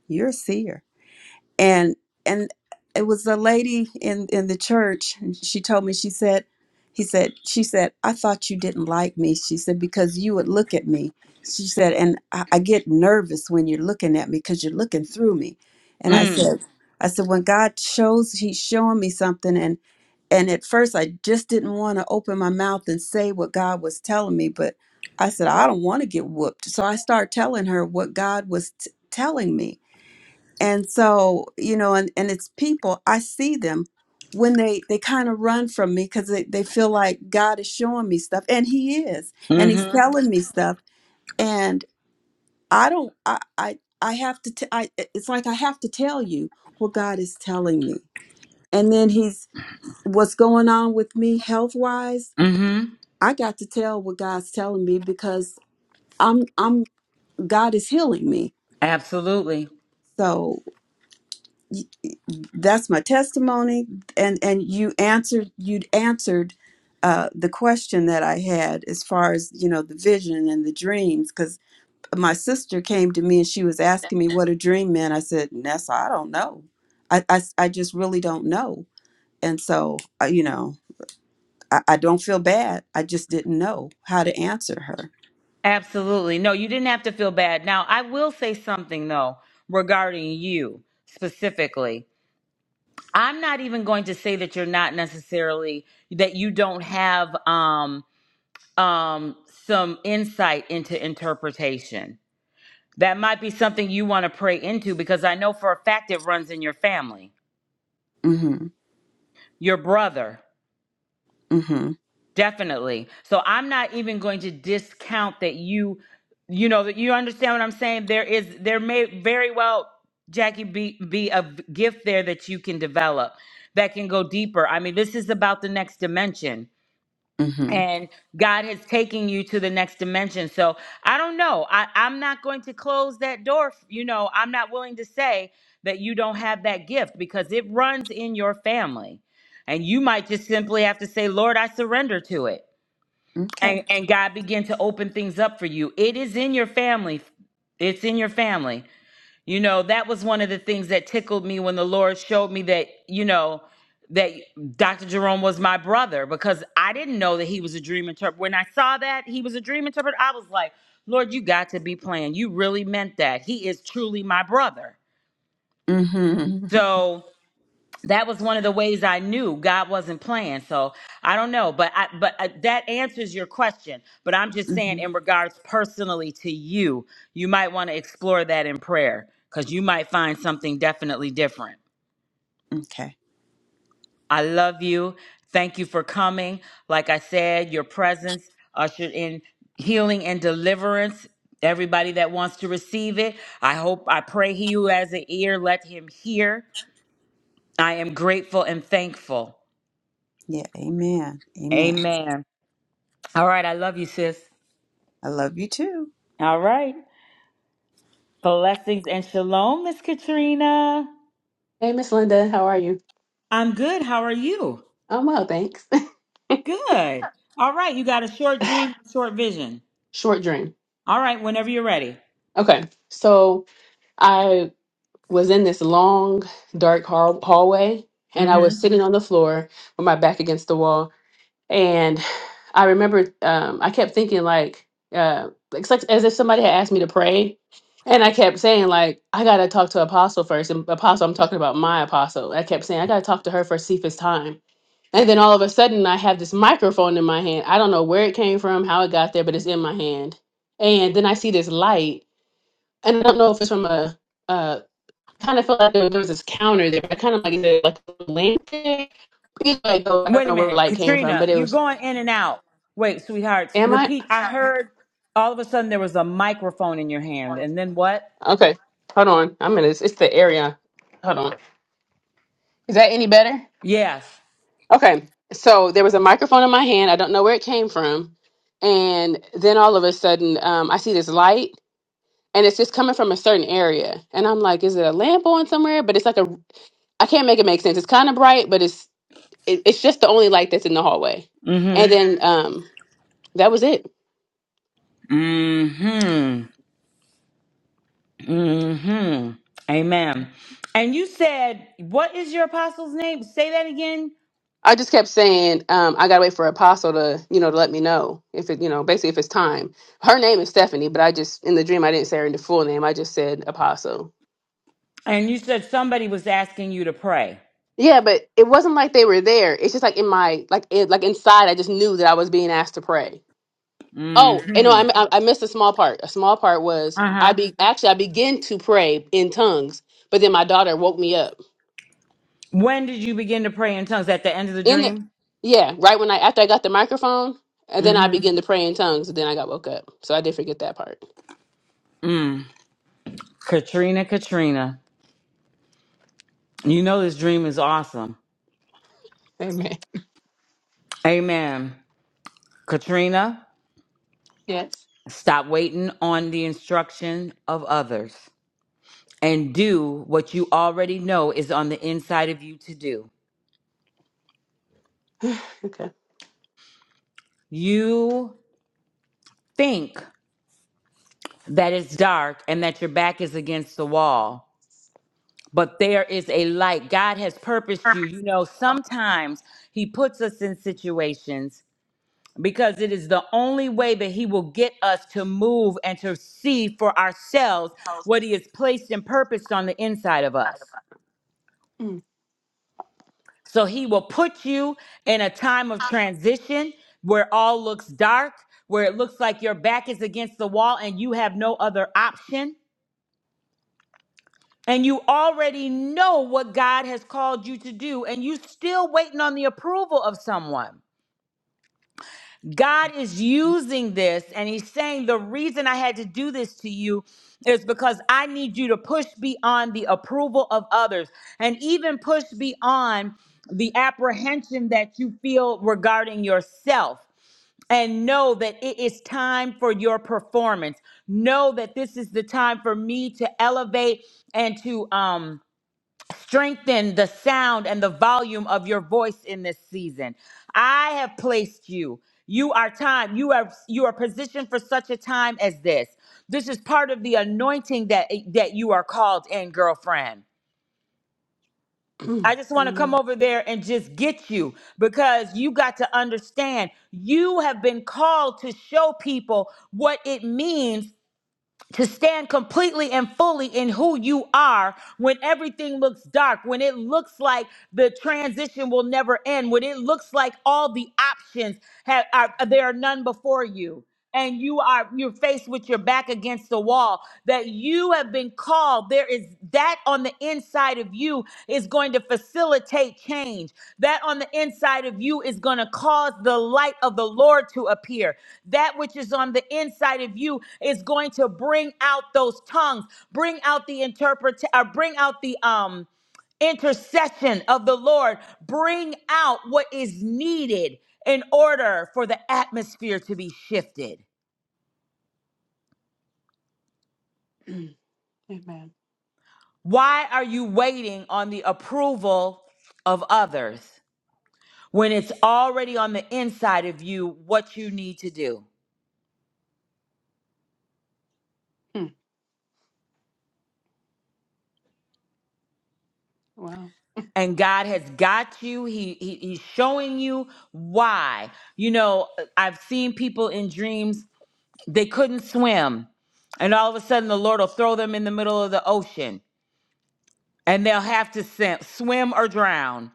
F: you're a seer. And and it was a lady in in the church. And she told me, she said, he said, she said, I thought you didn't like me. She said because you would look at me. She said, and I, I get nervous when you're looking at me because you're looking through me. And I said, I said, when God shows, He's showing me something, And and at first, I just didn't want to open my mouth and say what God was telling me, but I said, I don't want to get whooped. So I started telling her what God was t- telling me. And so, you know, and, and it's people, I see them when they, they kind of run from me because they, they feel like God is showing me stuff and he is, and he's
A: Mm-hmm.
F: telling me stuff. And I don't, I, I, I have to, t- I, it's like I have to tell you what God is telling me. And then he's, what's going on with me health wise
A: Mm-hmm.
F: I got to tell what God's telling me because I'm I'm God is healing me.
A: Absolutely.
F: So y- that's my testimony and and you answered you'd answered uh, the question that I had as far as you know the vision and the dreams because my sister came to me and she was asking me what a dream meant. I said, Nessa, I don't know. I, I, I just really don't know. And so, uh, you know, I, I don't feel bad. I just didn't know how to answer her.
A: Absolutely. No, you didn't have to feel bad. Now, I will say something though regarding you specifically. I'm not even going to say that you're not necessarily that you don't have um um some insight into interpretation. That might be something you want to pray into because I know for a fact it runs in your family.
F: Mm-hmm.
A: Your brother.
F: Mm-hmm.
A: Definitely. So I'm not even going to discount that you, you know, that you understand what I'm saying. There is, there may very well, Jackie, be, be a gift there that you can develop that can go deeper. I mean, this is about the next dimension.
F: Mm-hmm.
A: And God has taken you to the next dimension. So I don't know. I, I'm not going to close that door. f- You know, I'm not willing to say that you don't have that gift because it runs in your family. And you might just simply have to say, Lord, I surrender to it
F: Okay.
A: and and God begin to open things up for you. It is in your family. It's in your family. You know, that was one of the things that tickled me when the Lord showed me that, you know, that Dr. Jerome was my brother because I didn't know that he was a dream interpreter. When I saw that he was a dream interpreter, I was like, Lord, you got to be playing. You really meant that. He is truly my brother.
F: Mm-hmm.
A: So that was one of the ways I knew God wasn't playing. So I don't know, but I, but uh, that answers your question. But I'm just
F: mm hmm
A: saying, in regards personally to you, you might want to explore that in prayer because you might find something definitely different.
F: Okay.
A: I love you. Thank you for coming. Like I said, your presence ushered in healing and deliverance. Everybody that wants to receive it, I hope, I pray he who has an ear, let him hear. I am grateful and thankful.
F: Yeah. Amen. Amen.
A: Amen. All right. I love you, sis.
F: I love you too.
A: All right. Blessings and shalom, Miss Katrina.
H: Hey, Miss Linda, how are you?
A: I'm good. How are you?
H: I'm well, thanks. *laughs*
A: Good. All right. You got a short dream, short vision.
H: Short dream.
A: All right. Whenever you're ready.
H: Okay, so I was in this long, dark hall- hallway, and I
A: hmm
H: was sitting on the floor with my back against the wall. And I remember um, I kept thinking, like, uh, it's like as if somebody had asked me to pray. And I kept saying, like, I gotta talk to Apostle first. And Apostle, I'm talking about my Apostle. I kept saying, I gotta talk to her for Cephas time. And then all of a sudden, I have this microphone in my hand. I don't know where it came from, how it got there, but it's in my hand. And then I see this light, and I don't know if it's from a, uh, kind of felt like there was this counter there, but kind of like, the- like a lamp there. Either way, though, I don't
A: Wait a
H: know where the
A: minute,
H: light came from, but
A: Katrina,
H: it
A: you're
H: was,
A: going in and out. Wait, sweethearts,
H: am I?
A: repeat. I heard all of a sudden there was a microphone in your hand, and then what?
H: Okay, hold on. I'm in this, it's the area. Hold on. Is that any better?
A: Yes.
H: Okay, so there was a microphone in my hand. I don't know where it came from. And then all of a sudden, um, I see this light and it's just coming from a certain area and i'm like is it a lamp on somewhere but it's like a i can't make it make sense it's kind of bright but it's it, it's just the only light that's in the hallway and
A: Mm-hmm.
H: then *laughs* um that was it
A: Mm-hmm. hmm Amen. And you said, what is your apostle's name? Say that again.
H: i just kept saying um i gotta wait for apostle to you know to let me know if it you know basically if it's time her name is stephanie but i just in the dream i didn't say her the full name i just said apostle
A: And you said somebody was asking you to pray.
H: yeah but it wasn't like they were there it's just like in my like it, like inside i just knew that i was being asked to pray
A: hmm
H: Oh, and no, I, I I missed a small part. A small part was I
A: Uh-huh.
H: be actually I began to pray in tongues, but then my daughter woke me up
A: When did you begin to pray in tongues? At the end of the
H: in the
A: dream?
H: yeah right when I after I got the microphone, and then I
A: Mm-hmm.
H: began to pray in tongues, and then I got woke up. So I did forget that part.
A: Mm. Katrina, Katrina. You know this dream is awesome.
H: Amen.
A: Amen. Katrina,
H: Yes.
A: stop waiting on the instruction of others and do what you already know is on the inside of you to do.
H: Okay.
A: You think that it's dark and that your back is against the wall, but there is a light. God has purposed you. You know, sometimes He puts us in situations because it is the only way that He will get us to move and to see for ourselves what He has placed and purposed on the inside of us.
H: Mm.
A: So He will put you in a time of transition where all looks dark, where it looks like your back is against the wall and you have no other option. and you already know what God has called you to do, and you still waiting on the approval of someone. God is using this, and He's saying, The reason I had to do this to you is because I need you to push beyond the approval of others and even push beyond the apprehension that you feel regarding yourself and know that it is time for your performance. Know that this is the time for me to elevate and to um Strengthen the sound and the volume of your voice in this season. I have placed you. You are time. You are you are positioned for such a time as this. This is part of the anointing that that you are called in, girlfriend.
H: Mm.
A: I just want to come
H: Amen.
A: over there and just get you because you got to understand you have been called to show people what it means to stand completely and fully in who you are when everything looks dark, when it looks like the transition will never end, when it looks like all the options have are there are none before you and you are you're faced with your back against the wall that you have been called there is that on the inside of you is going to facilitate change. That on the inside of you is going to cause the light of the Lord to appear. That which is on the inside of you is going to bring out those tongues, bring out the interpret or bring out the um intercession of the Lord, bring out what is needed in order for the atmosphere to be shifted.
H: Mm. Amen.
A: Why are you waiting on the approval of others? when it's already on the inside of you what you need to do
H: Mm. Wow.
A: and god has got you he, he he's showing you why you know i've seen people in dreams they couldn't swim and all of a sudden the lord will throw them in the middle of the ocean and they'll have to swim swim or drown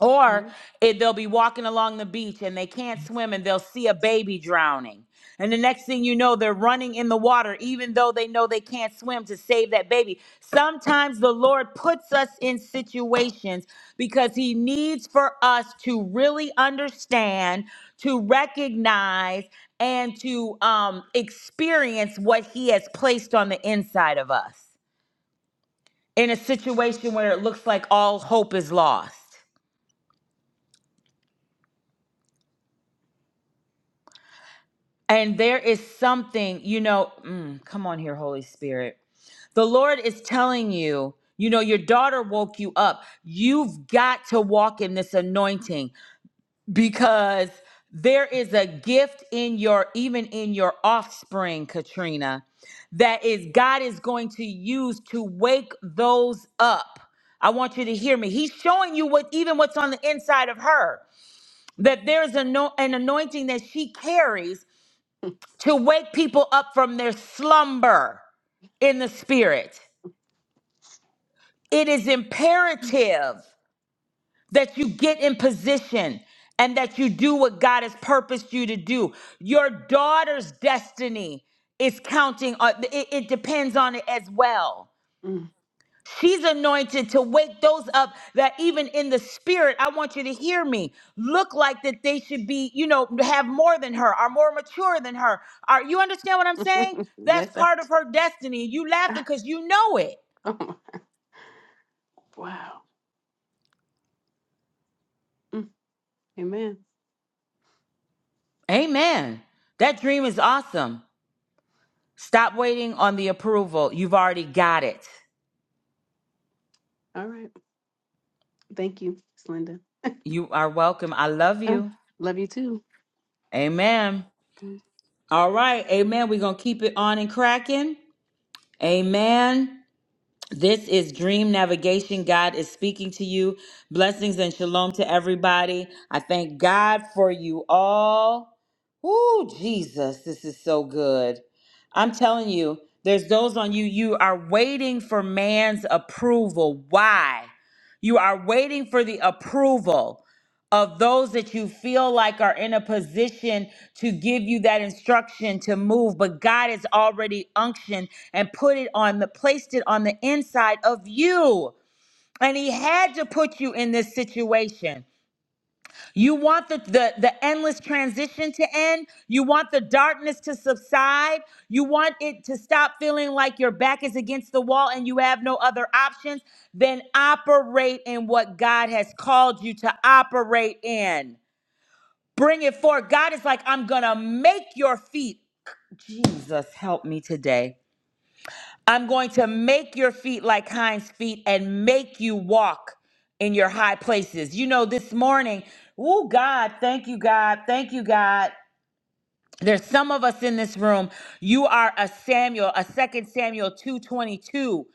A: Or
H: Mm.
A: it, they'll be walking along the beach and they can't swim and they'll see a baby drowning. And the next thing you know, they're running in the water, even though they know they can't swim to save that baby. Sometimes the Lord puts us in situations because He needs for us to really understand, to recognize, and to um, experience what He has placed on the inside of us in a situation where it looks like all hope is lost. And there is something, you know, mm, come on here, Holy Spirit. The Lord is telling you, you know, your daughter woke you up. You've got to walk in this anointing because there is a gift in your, even in your offspring, Katrina, that is God is going to use to wake those up. I want you to hear me. He's showing you what even what's on the inside of her. That there's a no, an anointing that she carries to wake people up from their slumber in the spirit. It is imperative that you get in position and that you do what God has purposed you to do. Your daughter's destiny is counting on it, it depends on it as well.
H: Mm.
A: She's anointed to wake those up that even in the spirit, I want you to hear me, look like that they should be, you know, have more than her, are more mature than her. Are you understand what I'm saying? That's
H: Yes. I,
A: part of her destiny. You laughing because you know it.
H: *laughs* oh my, wow. Mm. Amen.
A: Amen. That dream is awesome. Stop waiting on the approval. You've already got it.
H: All right. Thank you, Slinda.
A: You are welcome. I love
H: Uh,
A: you.
H: love you too.
A: Amen. All right. Amen. We're going to keep it on and cracking. Amen. This is Dream Navigation. God is speaking to you. Blessings and shalom to everybody. I thank God for you all. Ooh, Jesus, this is so good. I'm telling you, there's those on you, you are waiting for man's approval. Why? You are waiting for the approval of those that you feel like are in a position to give you that instruction to move but God has already unctioned and put it on the placed it on the inside of you and he had to put you in this situation you want the, the the endless transition to end you want the darkness to subside you want it to stop feeling like your back is against the wall and you have no other options then operate in what God has called you to operate in Bring it forth. God is like, I'm going to make your feet. Jesus, help me today. I'm going to make your feet like hinds feet and make you walk in your high places. You know, this morning, oh God, thank you, God, thank you, God. There's some of us in this room. You are a Samuel, a second Samuel 222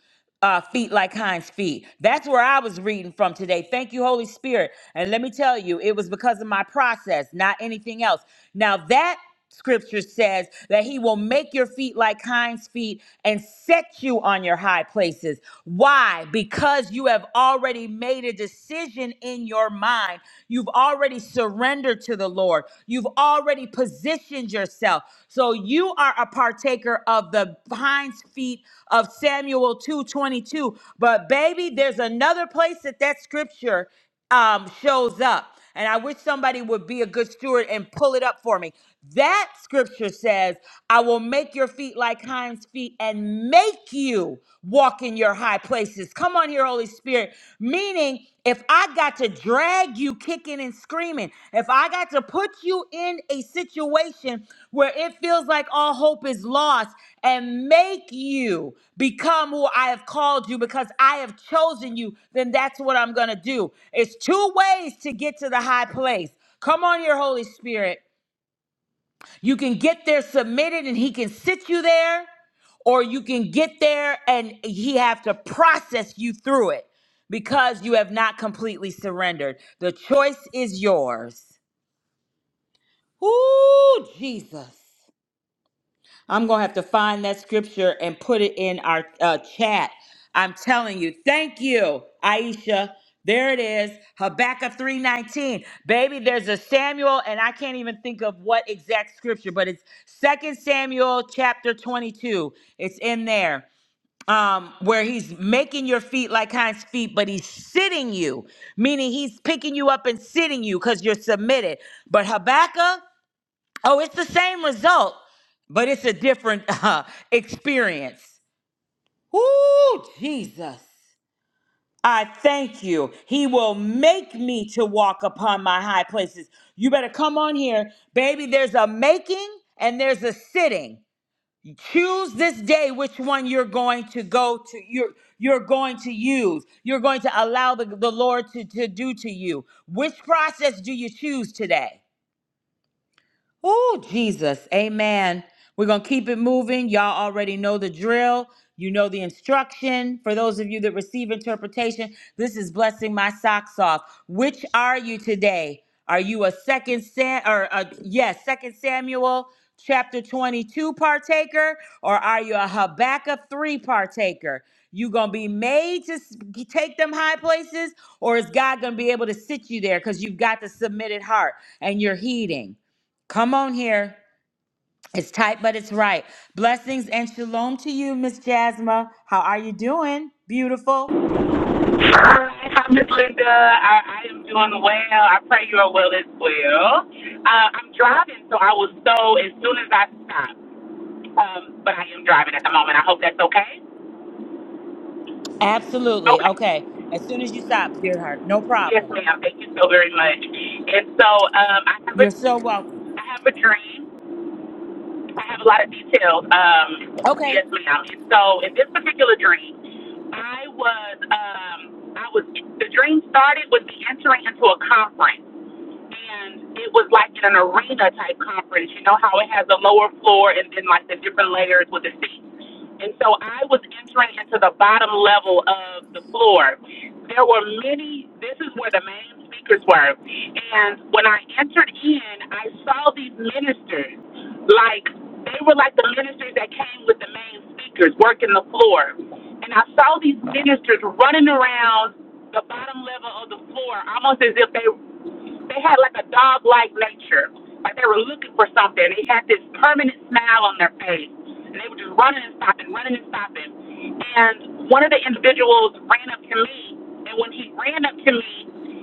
A: uh, feet like Hind's feet. That's where I was reading from today. Thank you, Holy Spirit. And let me tell you, it was because of my process, not anything else. Now that scripture says that he will make your feet like hinds feet and set you on your high places why because you have already made a decision vision in your mind. You've already surrendered to the Lord. You've already positioned yourself. So you are a partaker of the hinds feet of Samuel 2:22. But baby, there's another place that that scripture um, shows up. And I wish somebody would be a good steward and pull it up for me. That scripture says, I will make your feet like hinds feet and make you walk in your high places. Come on here, Holy Spirit. Meaning, if I got to drag you kicking and screaming, agreement. If I got to put you in a situation where it feels like all hope is lost and make you become who I have called you because I have chosen you, then that's what I'm going to do. It's two ways to get to the high place. Come on here, Holy Spirit. You can get there submitted and he can sit you there or you can get there and he have to process you through it because you have not completely surrendered. The choice is yours. Whoo, Jesus. I'm going to have to find that scripture and put it in our uh, chat. I'm telling you. Thank you, Aisha. There it is. Habakkuk 3:19. Baby, there's a Samuel and I can't even think of what exact scripture, but it's Second Samuel chapter 22. It's in there. Um, where he's making your feet like hinds feet, but he's sitting you, meaning he's picking you up and sitting you because you're submitted. But Habakkuk Oh, it's the same result, but it's a different *laughs* uh, experience. Ooh, Jesus. I thank you. He will make me to walk upon my high places. You better come on here. Baby, there's a making and there's a sitting. Choose this day which one you're going to go to, you're, you're going to use, you're going to allow the, the Lord to, to do to you. Which process do you choose today? Oh, Jesus. Amen. We're going to keep it moving. Y'all already know the drill. You know the instruction. For those of you that receive interpretation, this is blessing my socks off. Which are you today? Are you a second Sam or a, yes, second Samuel chapter 22 partaker or are you a Habakkuk 3 partaker? You going to be made to s- take them high places or is God going to be able to sit you there cuz you've got the submitted heart and you're heeding? Come on here. It's tight, but it's right. Blessings and shalom to you, Miss Jasma. How are you doing? Beautiful.
I: Hi, Miss Linda. I, I am doing well. I pray you are well as well. Uh, I'm driving, so I will stow as soon as I stop. Um, but I am driving at the moment. I hope that's okay.
A: Absolutely.
I: Okay.
A: Okay. As soon as you stop, dear heart, no
I: Yes,
A: problem.
I: ma'am. Thank you so very much. And so um, I have a,
A: You're so welcome.
I: I have a dream. I have a lot of details. Um,
A: Okay.
I: yes, ma'am. And so in this particular dream, I was um, I was the dream started with me entering into a conference. and it was like an arena type conference. You know how it has a lower floor and then like the different layers with the seats. And so I was entering into the bottom level of the floor. There were many, this is where the main speakers were. And when I entered in, I saw these ministers. Like, they were like the ministers that came with the main speakers working the floor. And I saw these ministers running around the bottom level of the floor, almost as if they they had like a dog like nature. Like they were looking for something. They had this permanent smile on their face. And they were just running and stopping, running and stopping. And one of the individuals ran up to me. And when he ran up to me,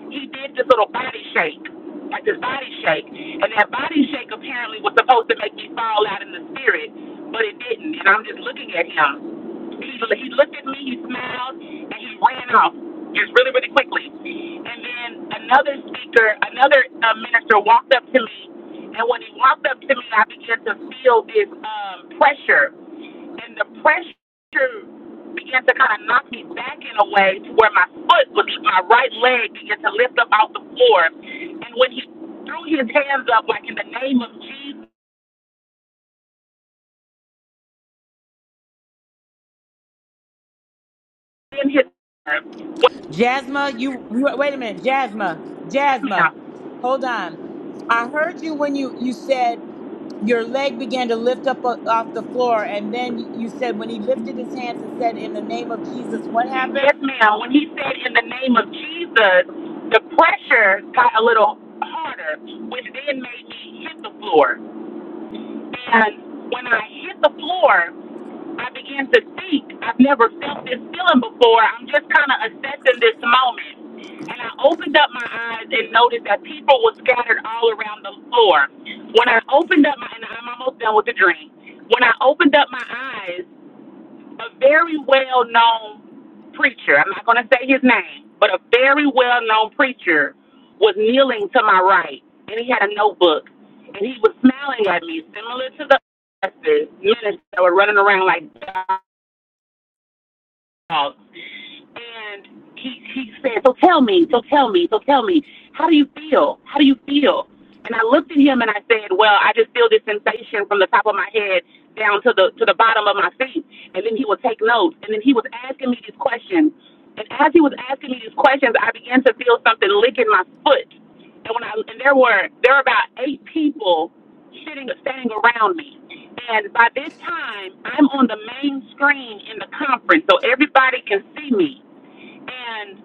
I: he did this little body shake. Like this body shake. And that body shake apparently was supposed to make me fall out in the spirit, but it didn't. And I'm just looking at him. He, he looked at me, he smiled, and he ran off just really, really quickly. And then another speaker, another uh, minister walked up to me, and when he walked up to me, I began to feel this um, pressure, and the pressure began to kind of knock me back in a way to where my foot was, my right leg began to lift up off the floor, and when he threw his hands up like in the name of Jesus in his
A: Jasma, you, you wait a minute. Jasma,
I: yes
A: Jasma,
I: ma'am
A: hold on. I heard you when you you said your leg began to lift up o- off the floor, and then you you said when he lifted his hands and said, "In the name of Jesus," what
I: Yes,
A: happened?
I: ma'am. When he said in the name of Jesus, the pressure got a little harder, which then made me hit the floor. And when I hit the floor, I began to think. I've never felt this feeling before. I'm just kind of assessing this moment. And I opened up my eyes and noticed that people were scattered all around the floor. When I opened up my, and I'm almost done with the dream. When I opened up my eyes, a very well known preacher, I'm not going to say his name, but a very well known preacher was kneeling to my right and he had a notebook and he was smiling at me, similar to the ministers that were running around like dogs. And he, he said, So tell me, so tell me, so tell me, how do you feel? How do you feel? And I looked at him and I said, Well, I just feel this sensation from the top of my head down to the to the bottom of my feet. And then he would take notes. And then he was asking me these questions. And as he was asking me these questions, I began to feel something licking my foot. And when I and there were there were about eight people sitting standing around me. And by this time, I'm on the main screen in the conference, so everybody can see me and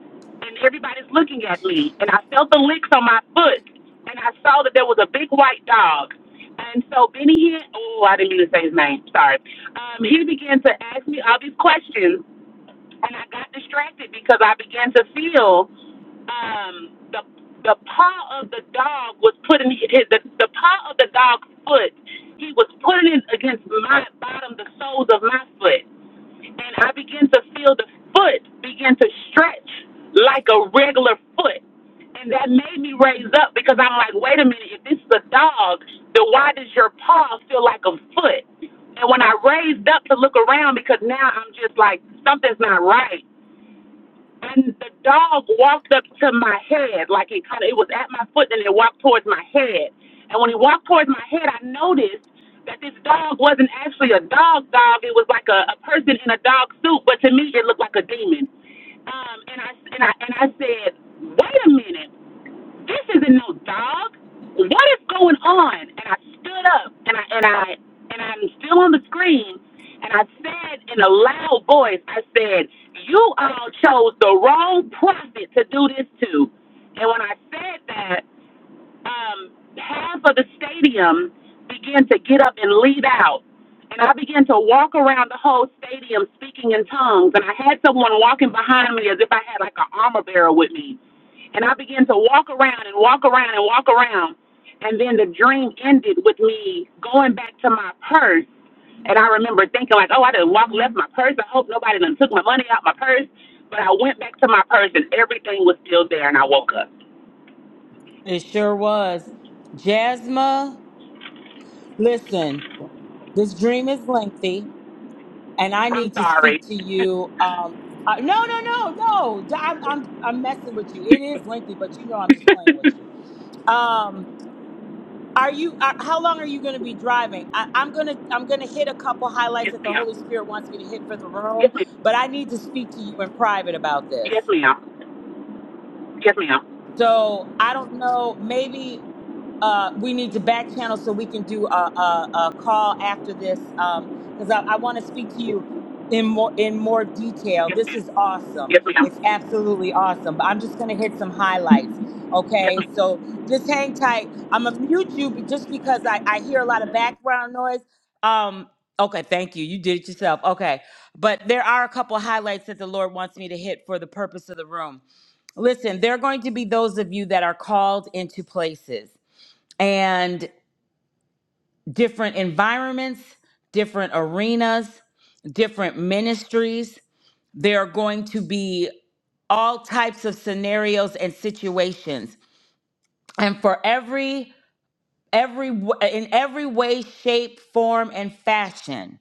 I: and everybody's looking at me and I felt the licks on my foot and I saw that there was a big white dog. And so Benny Hinn, oh, I didn't mean to say his name, sorry. Um, he began to ask me all these questions and I got distracted because I began to feel um the the paw of the dog was putting his, the, the paw of the dog's foot. He was putting it against my bottom, the soles of my foot and I began to feel the foot begin to stretch like a regular foot. And that made me raise up because I'm like, wait a minute, if this is a dog, then why does your paw feel like a foot? And when I raised up to look around, because now I'm just like, something's not right and the dog walked up to my head, like it kind of it was at my foot, and it walked towards my head. And when he walked towards my head, I noticed that this dog wasn't actually a dog dog. It was like a, a person in a dog suit, but to me, it looked like a demon. Um, and I and I and I said, wait a minute this isn't no dog. What is going on? And I stood up and I and I and I'm still on the screen and I said in a loud voice, I said, You all chose the wrong prophet to do this to. And when I said that, um, half of the stadium began to get up and leave out. And I began to walk around the whole stadium speaking in tongues. And I had someone walking behind me as if I had like an armor bearer with me. And I began to walk around and walk around and walk around. And then the dream ended with me going back to my purse. And I remember thinking like, oh, I done walked left my purse. I hope nobody done took my money out my purse. But I went back to my purse and everything was still there and I woke up.
A: It sure was. Jasma. Listen, this dream is lengthy, and I
I: I'm
A: need to speak
I: sorry.
A: to you. Um, uh, no, no, no, no. D- I'm, I'm, I'm messing with you.
I: *laughs*
A: It is lengthy, but you know I'm just playing with you.
I: yes,
A: Um, are you? Uh, how long are you going to be driving? I, I'm gonna, I'm gonna hit a couple highlights that the
I: ma'am.
A: Holy Spirit wants me to hit for the
I: Yes,
A: room,
I: ma'am.
A: but I need to speak to you in private about this.
I: Yes, ma'am. Yes, ma'am. Yes, ma'am.
A: So I don't know. Maybe. uh, we need to back channel so we can do a, a, a call after this because I, I want to speak to you in more in more detail. This is awesome.
I: Yes, ma'am.
A: It's absolutely awesome. But I'm just gonna hit some highlights.
I: Yes,
A: Okay,
I: ma'am.
A: so just hang tight. I'm gonna mute you be- just because I, I hear a lot of background noise. Um, okay, thank you. You did it yourself. Okay, but there are a couple highlights that the Lord wants me to hit for the purpose of the room. Listen, there are going to be those of you that are called into places and different environments, different arenas, different ministries. There are going to be all types of scenarios and situations. And for every every w- in every way, shape, form and fashion,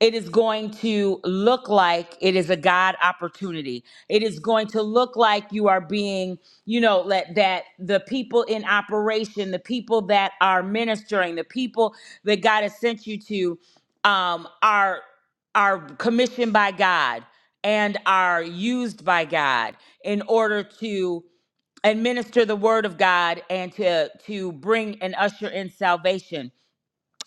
A: it is going to look like it is a God opportunity. It is going to look like you are being, you know, let that the people in operation, the people that are ministering, the people that God has sent you to, um, are are commissioned by God and are used by God in order to administer the word of God and to to bring and usher in salvation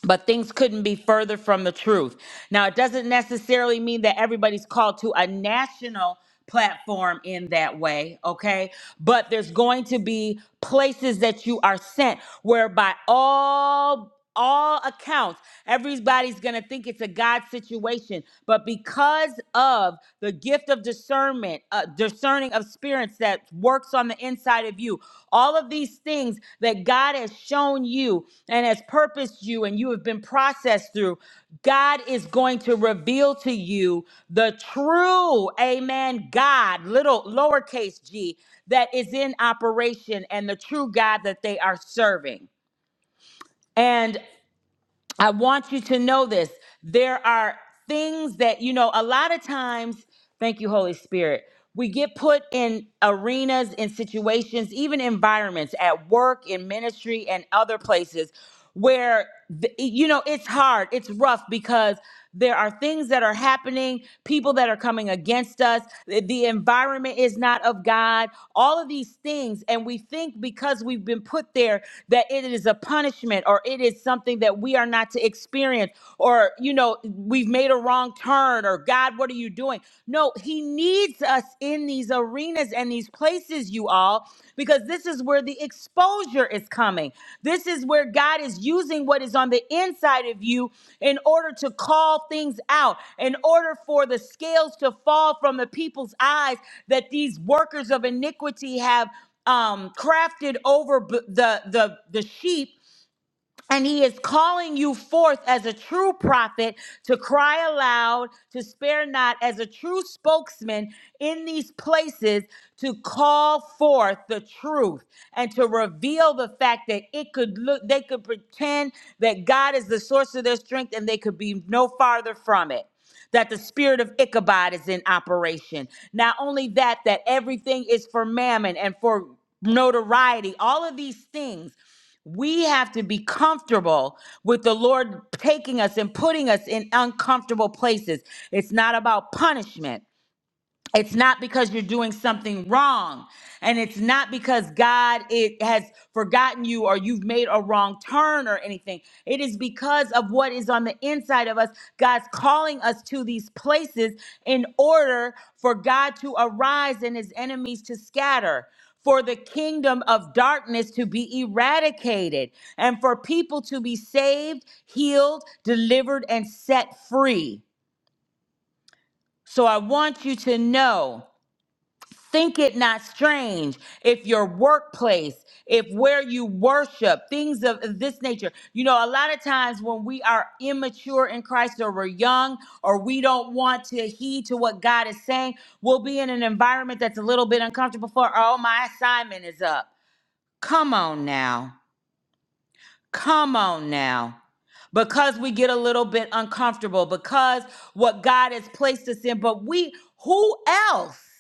A: but things couldn't be further from the truth. Now, it doesn't necessarily mean that everybody's called to a national platform in that way, okay? But there's going to be places that you are sent whereby all all accounts everybody's going to think it's a god situation but because of the gift of discernment discernment, uh, discerning of spirits that works on the inside of you. All of these things that God has shown you and has purposed you and you have been processed through, God is going to reveal to you the true, amen, God, little lowercase g, that is in operation and the true God that they are serving. and. I want you to know this. There are things that, you know, a lot of times, thank you, Holy Spirit, we get put in arenas, in situations, even environments at work, in ministry, and other places where, the, you know, it's hard, it's rough because there are things that are happening, people that are coming against us. The the environment is not of God. All of these things. And we think because we've been put there that it is a punishment or it is something that we are not to experience or, you know, we've made a wrong turn or God, what are you doing? No, He needs us in these arenas arenas and these places, you all, because this is where the exposure is coming. This is where God is using what is on the inside of you in order to call things out, in order for the scales to fall from the people's eyes that these workers of iniquity have um, crafted over b- the the the sheep and he is calling you forth as a true prophet to cry aloud, to spare not, as a true spokesman in these places, to call forth the truth and to reveal the fact that it could look, they could pretend that God is the source of their strength and they could be no farther from it that the spirit of Ichabod is in operation. Not only that, that everything is for mammon and for notoriety, all of these things. We have to be comfortable with the Lord taking us and putting us in uncomfortable places. It's not about punishment. It's not because you're doing something wrong. And it's not because God it has forgotten you or you've made a wrong turn or anything. It is because of what is on the inside of us. God's calling us to these places in order for God to arise and his enemies to scatter. For the kingdom of darkness to be eradicated and for people to be saved, healed, delivered, and set free. So I want you to know. Think it not strange if your workplace, if where you worship, things of this nature. You know, a lot of times when we are immature in Christ or we're young or we don't want to heed to what God is saying, we'll be in an environment that's a little bit uncomfortable for, oh, my assignment is up. Come on now. Come on now because we get a little bit uncomfortable because what God has placed us in. But we, who else?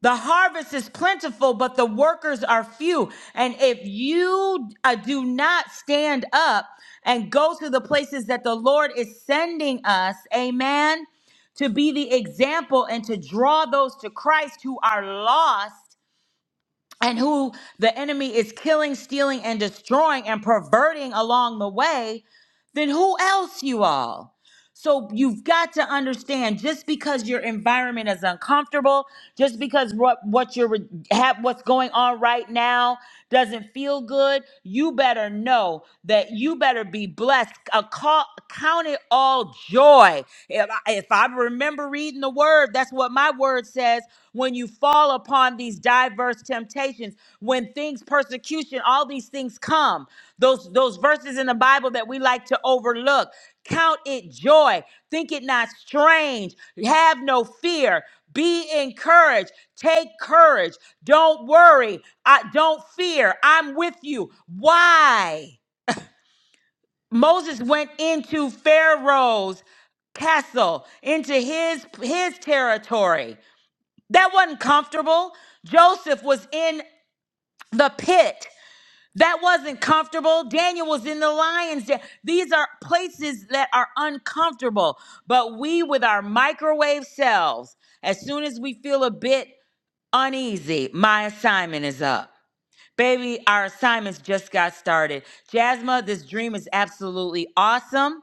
A: The harvest is plentiful, but the workers are few. And if you uh, do not stand up and go to the places that the Lord is sending us, amen, to be the example and to draw those to Christ who are lost and who the enemy is killing, stealing, and destroying and perverting along the way, then who else, you all? So you've got to understand just because your environment is uncomfortable, just because what what you're re- have what's going on right now doesn't feel good, you better know that you better be blessed. A call, count it all joy. If I, if I remember reading the word, that's what my word says. When you fall upon these diverse temptations, when things, persecution, all these things come, those those verses in the Bible that we like to overlook. Count it joy. Think it not strange. Have no fear. Be encouraged. Take courage. Don't worry. I don't fear. I'm with you. Why? Moses went into Pharaoh's castle, into his his territory. That wasn't comfortable. Joseph was in the pit. That wasn't comfortable. Daniel was in the lion's den. These are places that are uncomfortable. But we, with our microwave selves, as soon as we feel a bit uneasy, my assignment is up. Baby, our assignments just got started. Jasma, this dream is absolutely awesome.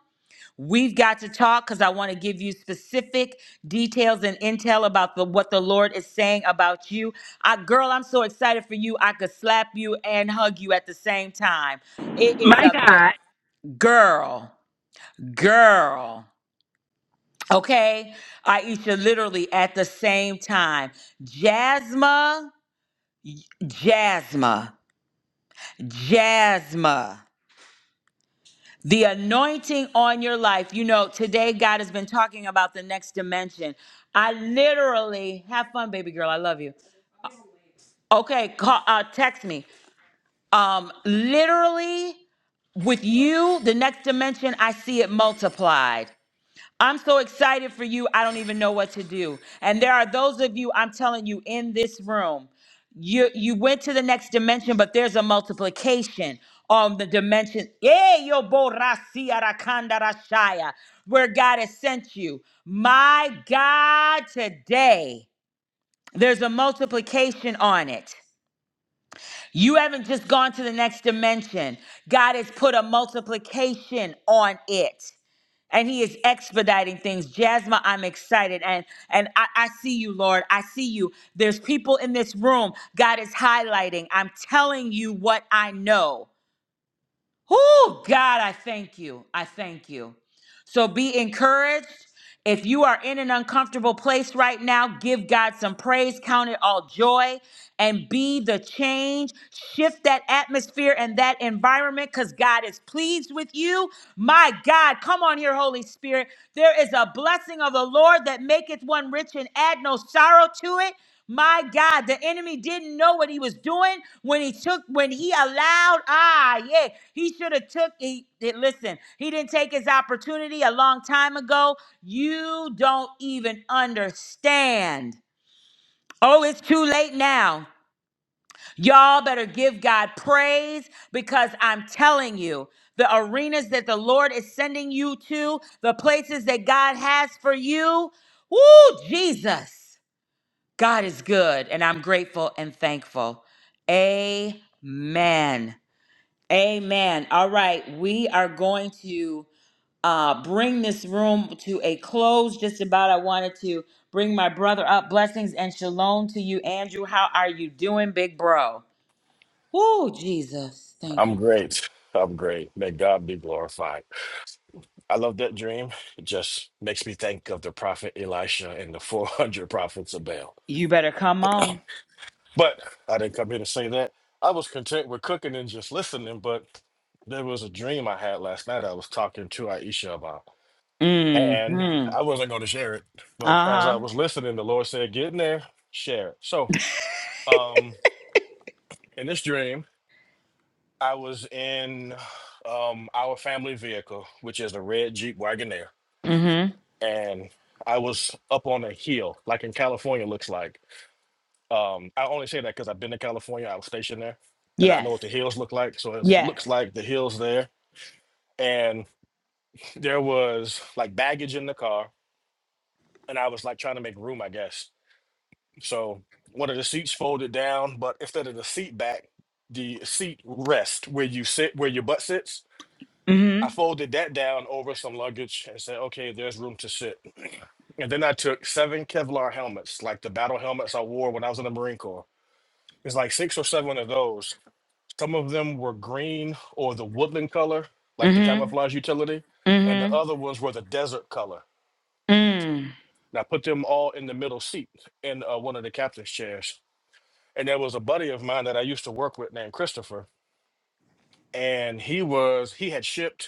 A: We've got to talk because I want to give you specific details and intel about the, what the Lord is saying about you. I, girl, I'm so excited for you. I could slap you and hug you at the same time. It is
I: My
A: a ma-
I: God.
A: girl, girl. Okay, Aisha, literally at the same time. Jasma, Jasma, Jasma. The anointing on your life. You know, today God has been talking about the next dimension. I literally have fun, baby girl. I love you. Okay, call, uh, text me. Um, literally with you, the next dimension, I see it multiplied. I'm so excited for you. I don't even know what to do. And there are those of you, I'm telling you, in this room, you you went to the next dimension, but there's a multiplication on the dimension. Yeah, yo bo ra si ara kanda ra shaya, Where God has sent you. My God, today, there's a multiplication on it. You haven't just gone to the next dimension. God has put a multiplication on it. And he is expediting things. Jasmine, I'm excited. And and I, I see you, Lord. I see you. There's people in this room. God is highlighting. I'm telling you what I know. Oh, God, I thank you. I thank you. So be encouraged. If you are in an uncomfortable place right now, give God some praise, count it all joy, and be the change. Shift that atmosphere and that environment because God is pleased with you. My God, come on here, Holy Spirit. There is a blessing of the Lord that maketh one rich and add no sorrow to it. My God, the enemy didn't know what he was doing when he took, when he allowed. Ah, yeah, he should have took. He did, listen. He didn't take his opportunity a long time ago. You don't even understand. Oh, it's too late now. Y'all better give God praise because I'm telling you, the arenas that the Lord is sending you to, the places that God has for you. Woo, Jesus. God is good, and I'm grateful and thankful. Amen. Amen. All right, we are going to uh, bring this room to a close. Just about, I wanted to bring my brother up. Blessings and shalom to you, Andrew. How are you doing, big bro? Woo, Jesus. Thank
J: I'm
A: you.
J: great. I'm great. May God be glorified. I love that dream. It just makes me think of the prophet Elisha and the *laughs* 400 prophets of Baal.
A: You better come on.
J: But I didn't come here to say that. I was content with cooking and just listening, but there was a dream I had last night I was talking to Aisha about. And
A: Mm-hmm.
J: I wasn't going to share it, but as I
A: Uh-huh.
J: was listening, the Lord said, Get in there, share it. So, um, in this dream, I was in um, our family vehicle, which is a red Jeep Wagoneer
A: Mm-hmm.
J: and I was up on a hill, like in California looks like. Um, I only say that because I've been to California. I was stationed there, and I know
A: Yes.
J: what the hills look like. So it looks
A: Yes.
J: like the hills there, and there was like baggage in the car, and I was like trying to make room, I guess. So one of the seats folded down, but instead of the seat back, the seat rest where you sit, where your butt sits. I
A: Mm-hmm.
J: folded that down over some luggage and said, okay, there's room to sit. *clears throat* And then I took seven Kevlar helmets, like the battle helmets I wore when I was in the Marine Corps. It's like six or seven of those. Some of them were green or the woodland color, like the
A: Mm-hmm.
J: camouflage utility, and the
A: Mm-hmm.
J: other ones were the desert color.
A: Mm-hmm.
J: And I put them all in the middle seat in uh, one of the captain's chairs. And there was a buddy of mine that I used to work with named Christopher, and he was he had shipped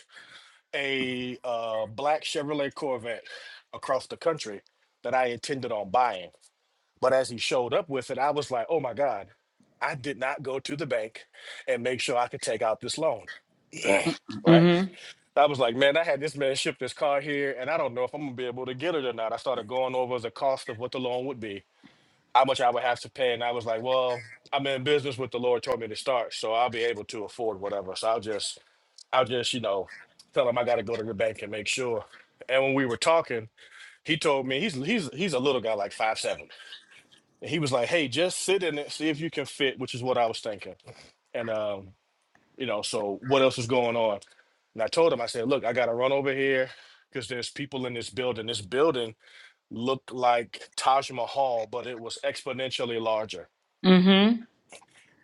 J: a uh, black Chevrolet Corvette across the country that I intended on buying. But as he showed up with it, I was like, oh my God, I did not go to the bank and make sure I could take out this loan. *clears throat* right?
A: Mm-hmm.
J: I was like, man, I had this man ship this car here and I don't know if I'm gonna be able to get it or not. I started going over the cost of what the loan would be how much I would have to pay. And I was like, well, I'm in business with the Lord told me to start, so I'll be able to afford whatever. So I'll just, I'll just, you know, tell him I got to go to the bank and make sure. And when we were talking, he told me he's he's he's a little guy, like five seven. And he was like, hey, just sit in it, see if you can fit, which is what I was thinking. And um, you know, so what else is going on? And I told him, I said, look, I got to run over here because there's people in this building. This building looked like Taj Mahal, but it was exponentially larger
A: Mm-hmm.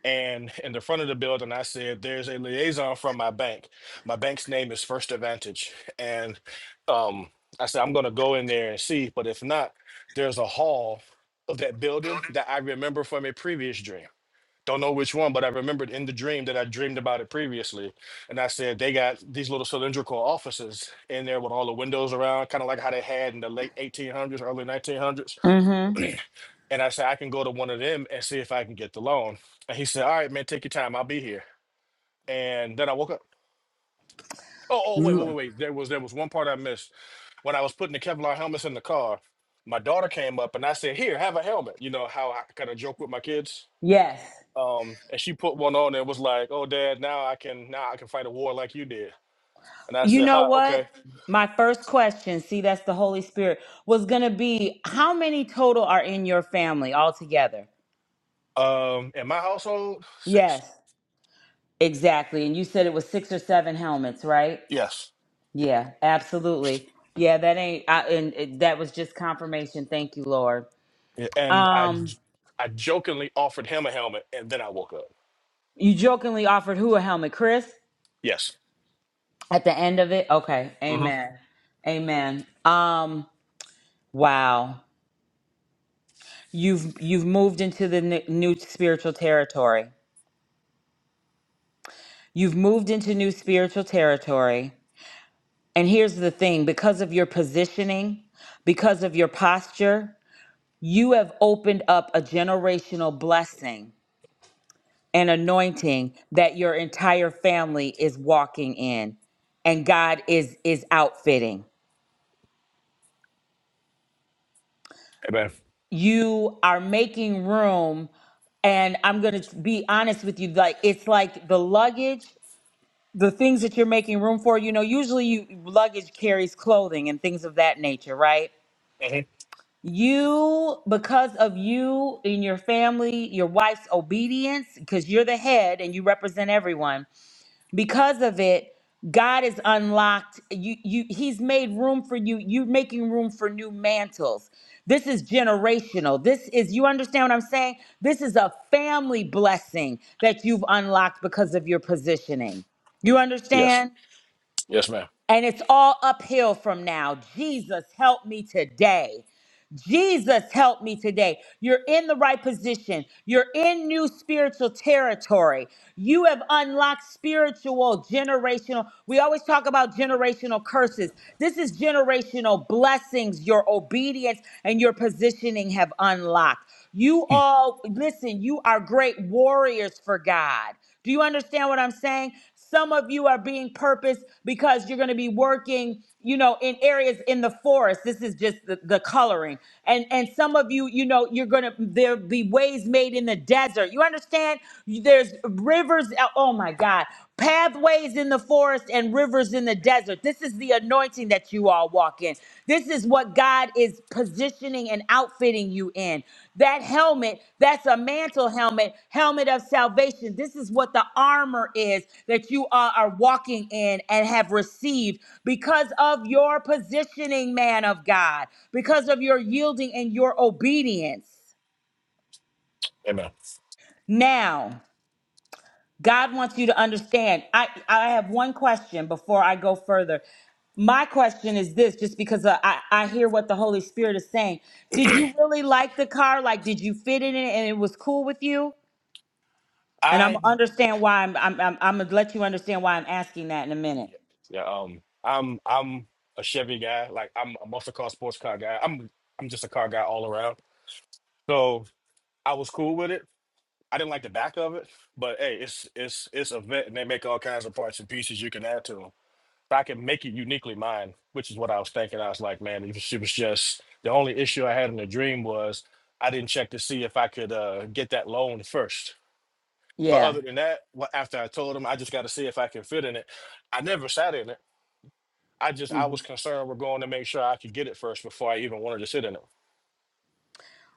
J: and *laughs* in the front of the building i said there's a liaison from my bank my bank's name is first advantage and um, i said i'm going to go in there and see but if not there's a hall of that building that i remember from a previous dream don't know which one but i remembered in the dream that i dreamed about it previously and i said they got these little cylindrical offices in there with all the windows around kind of like how they had in the late 1800s early 1900s
A: Mm-hmm.
J: *clears throat* And I said, I can go to one of them and see if I can get the loan. And he said, All right, man, take your time. I'll be here. And then I woke up. Oh, oh, wait, wait, wait, wait. There was there was one part I missed. When I was putting the Kevlar helmets in the car, my daughter came up and I said, Here, have a helmet. You know how I kind of joke with my kids.
A: Yes.
J: Um, and she put one on and was like, Oh dad, now I can now I can fight a war like you did. And I
A: You
J: said,
A: know
J: Hi,
A: what?
J: okay.
A: My first question, see, that's the Holy Spirit, was going to be how many total are in your family altogether?
J: Um, in my household, six.
A: Yes, exactly. And you said it was six or seven helmets, right?
J: Yes.
A: Yeah, absolutely. Yeah, that ain't, I, and it, that was just confirmation. Thank you, Lord.
J: Y- And I
A: Um,
J: j- I jokingly offered him a helmet and then I woke up.
A: you jokingly offered who a helmet, Chris?
J: Yes.
A: At the end of it? Okay.
J: hmm
A: Amen. Amen. Um, wow. You've you've moved into the n- new spiritual territory. You've moved into new spiritual territory. And here's the thing, because of your positioning, because of your posture, you have opened up a generational blessing and anointing that your entire family is walking in and God is is outfitting.
J: Amen.
A: You are making room and I'm going to be honest with you like it's like the luggage the things that you're making room for, you know, usually you luggage carries clothing and things of that nature, right?
J: hmm
A: You, because of you and your family, your wife's obedience, because you're the head and you represent everyone, because of it, God is unlocked. You, you, He's made room for you. You're making room for new mantles. This is generational. This is, you understand what I'm saying? This is a family blessing that you've unlocked because of your positioning. You
J: Yes.
A: understand?
J: Yes, ma'am.
A: And it's all uphill from now. Jesus, help me today. Jesus, help me today. You're in the right position. You're in new spiritual territory. You have unlocked spiritual, generational. We always talk about generational curses. This is generational blessings your obedience and your positioning have unlocked. You all, listen, you are great warriors for God. Do you understand what I'm saying? Some of you are being purposed because you're going to be working, you know, in areas in the forest. This is just the, the coloring. And and some of you, you know, you're going to there'll be ways made in the desert. You understand? There's rivers, oh my God, pathways in the forest and rivers in the desert. This is the anointing that you all walk in. This is what God is positioning and outfitting you in. That helmet, that's a mantle helmet, helmet of salvation. This is what the armor is that you are, are walking in and have received because of your positioning, man of God, because of your yielding and your obedience.
J: Amen.
A: Now, God wants you to understand. I, I have one question before I go further. My question is this just because I, I I hear what the Holy Spirit is saying. Did you really like the car? Like, did you fit in it and it was cool with you? And I'm gonna
J: I
A: understand why I'm, I'm, I'm, I'm going to let you understand why I'm asking that in a minute.
J: yeah, yeah, um I'm I'm a Chevy guy. Like I'm a muscle car sports car guy. I'm I'm just a car guy all around. So I was cool with it. I didn't like the back of it, but hey, it's it's it's a vet and they make all kinds of parts and pieces you can add to them. So I can make it uniquely mine, which is what I was thinking. I was like, man, it was it was just the only issue I had in the dream was I didn't check to see if I could uh, get that loan first But
A: Yeah.
J: other than that, wha- after I told him, I just got to see if I can fit in it. I never sat in it. I just I was concerned we're going to make sure I could get it first before I even wanted to sit in it.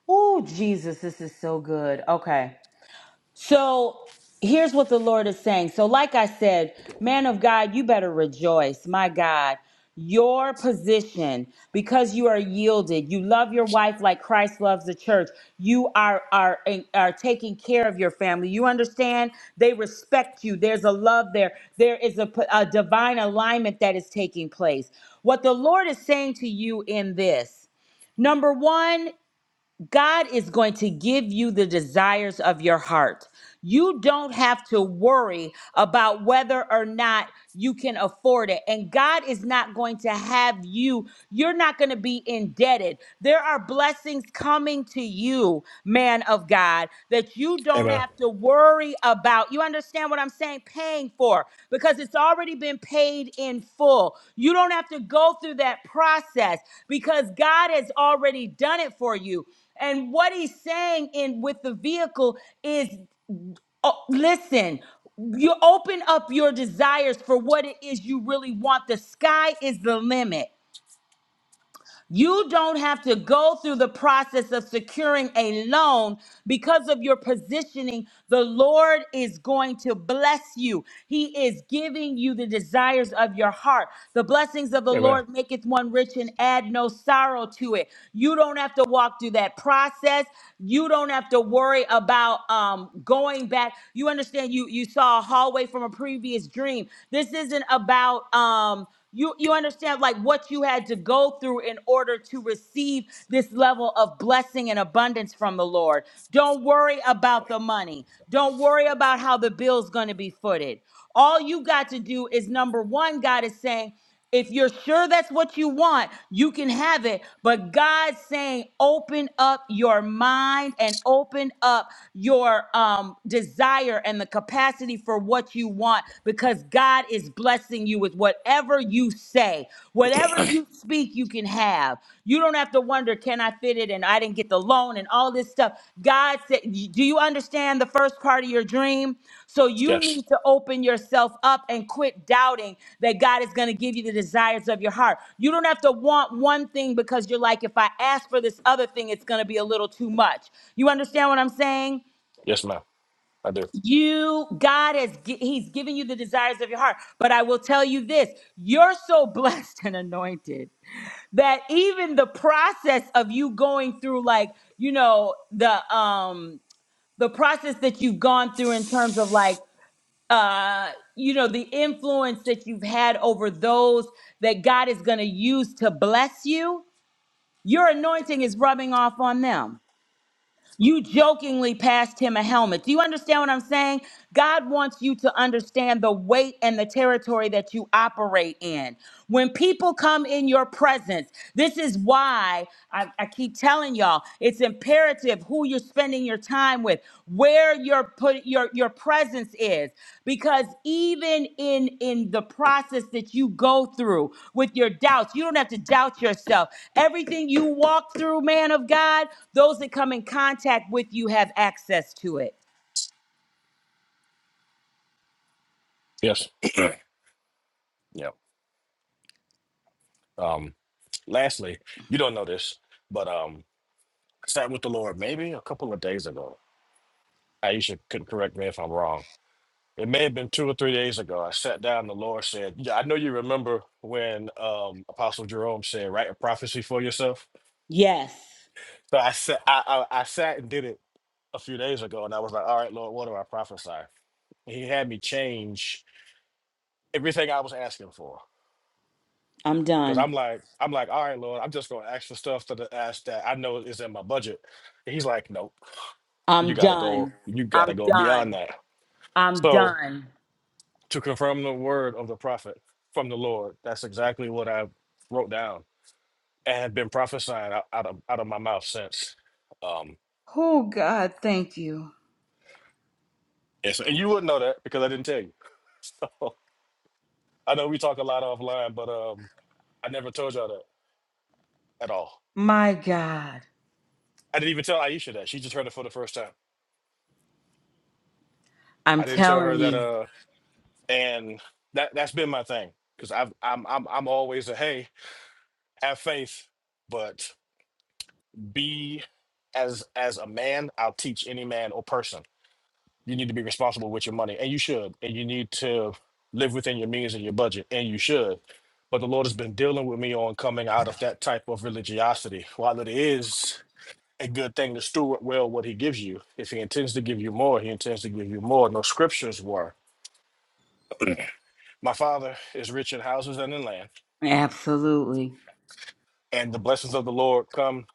A: Oh, Jesus, this is so good. Okay. So here's what the Lord is saying. So, like I said, man of God, you better rejoice. My God, your position, because you are yielded, you love your wife like Christ loves the church. You are are are taking care of your family. You understand? They respect you. There's a love there. There is a a divine alignment that is taking place. What the Lord is saying to you in this. Number one. God is going to give you the desires of your heart. You don't have to worry about whether or not you can afford it. And God is not going to have you, you're not going to be indebted. There are blessings coming to you, man of God, that you don't
J: Amen.
A: have to worry about. You understand what I'm saying? Paying for because it's already been paid in full. You don't have to go through that process because God has already done it for you. And what he's saying in with the vehicle is oh, listen, you open up your desires for what it is you really want. The sky is the limit. You don't have to go through the process of securing a loan because of your positioning. The Lord is going to bless you. He is giving you the desires of your heart. The blessings of the
J: Amen.
A: Lord maketh one rich and add no sorrow to it. You don't have to walk through that process. You don't have to worry about um, going back. You understand? You you saw a hallway from a previous dream. This isn't about um you you understand like what you had to go through in order to receive this level of blessing and abundance from the Lord. Don't worry about the money. Don't worry about how the bill's going to be footed. All you got to do is number 1 God is saying if you're sure that's what you want, you can have it. But God's saying, open up your mind and open up your um, desire and the capacity for what you want because God is blessing you with whatever you say. Whatever
J: *clears throat*
A: you speak, you can have. You don't have to wonder, can I fit it? And I didn't get the loan and all this stuff. God said, do you understand the first part of your dream? So you
J: Yes.
A: need to open yourself up and quit doubting that God is going to give you the desires of your heart. You don't have to want one thing because you're like, if I ask for this other thing, it's going to be a little too much. You understand what I'm saying?
J: Yes, ma'am. I do.
A: You, God has, gi- He's giving you the desires of your heart. But I will tell you this you're so blessed *laughs* and anointed that even the process of you going through, like, you know, the, um, the process that you've gone through in terms of like uh you know the influence that you've had over those that God is going to use to bless you your anointing is rubbing off on them you jokingly passed him a helmet. Do you understand what I'm saying? God wants you to understand the weight and the territory that you operate in. When people come in your presence, this is why I, I keep telling y'all it's imperative who you're spending your time with, where your put your your presence is, because even in in the process that you go through with your doubts, you don't have to doubt yourself. Everything you walk through, man of God. Those that come in contact with you have access to it.
J: Yes. *clears throat* yep. Um. Lastly, you don't know this, but um, I sat with the Lord maybe a couple of days ago. Aisha could correct me if I'm wrong. It may have been two or three days ago. I sat down. The Lord said, "Yeah, I know you remember when um Apostle Jerome said, write a prophecy for yourself."
A: Yes,
J: So I sat, I, I, I sat and did it a few days ago, and I was like, "All right, Lord, what do I prophesy?" And he had me change everything I was asking for
A: I'm
J: because I'm
A: done.
J: like, I'm like, "All right, Lord, I'm just gonna ask for stuff to the ask that I know is in my budget." And he's like, "Nope, you
A: I'm
J: gotta
A: done.
J: go, you gotta
A: I'm
J: go beyond
A: done.
J: that."
A: I'm
J: So
A: done.
J: to confirm the word of the prophet from the Lord, that's exactly what I wrote down and have been prophesying out, out of out of my mouth since. Um,
A: Oh, God, thank you.
J: and, so, and you wouldn't know that because I didn't tell you. *laughs* I know we talk a lot offline, but um, I never told y'all that at all.
A: My God.
J: I didn't even tell Aisha that. She just heard it for the first time.
A: I'm
J: I didn't tell her
A: telling
J: that.
A: you.
J: Uh, and that that's been my thing because I've I'm I'm I'm always a hey, have faith, but be as as a man. I'll teach any man or person. You need to be responsible with your money, and you should, and you need to live within your means and your budget, and you should. But the Lord has been dealing with me on coming out of that type of religiosity. While it is a good thing to steward well what he gives you. If he intends to give you more, he intends to give you more. No scriptures were, My father is rich in houses and in land,
A: Absolutely.
J: and the blessings of the Lord come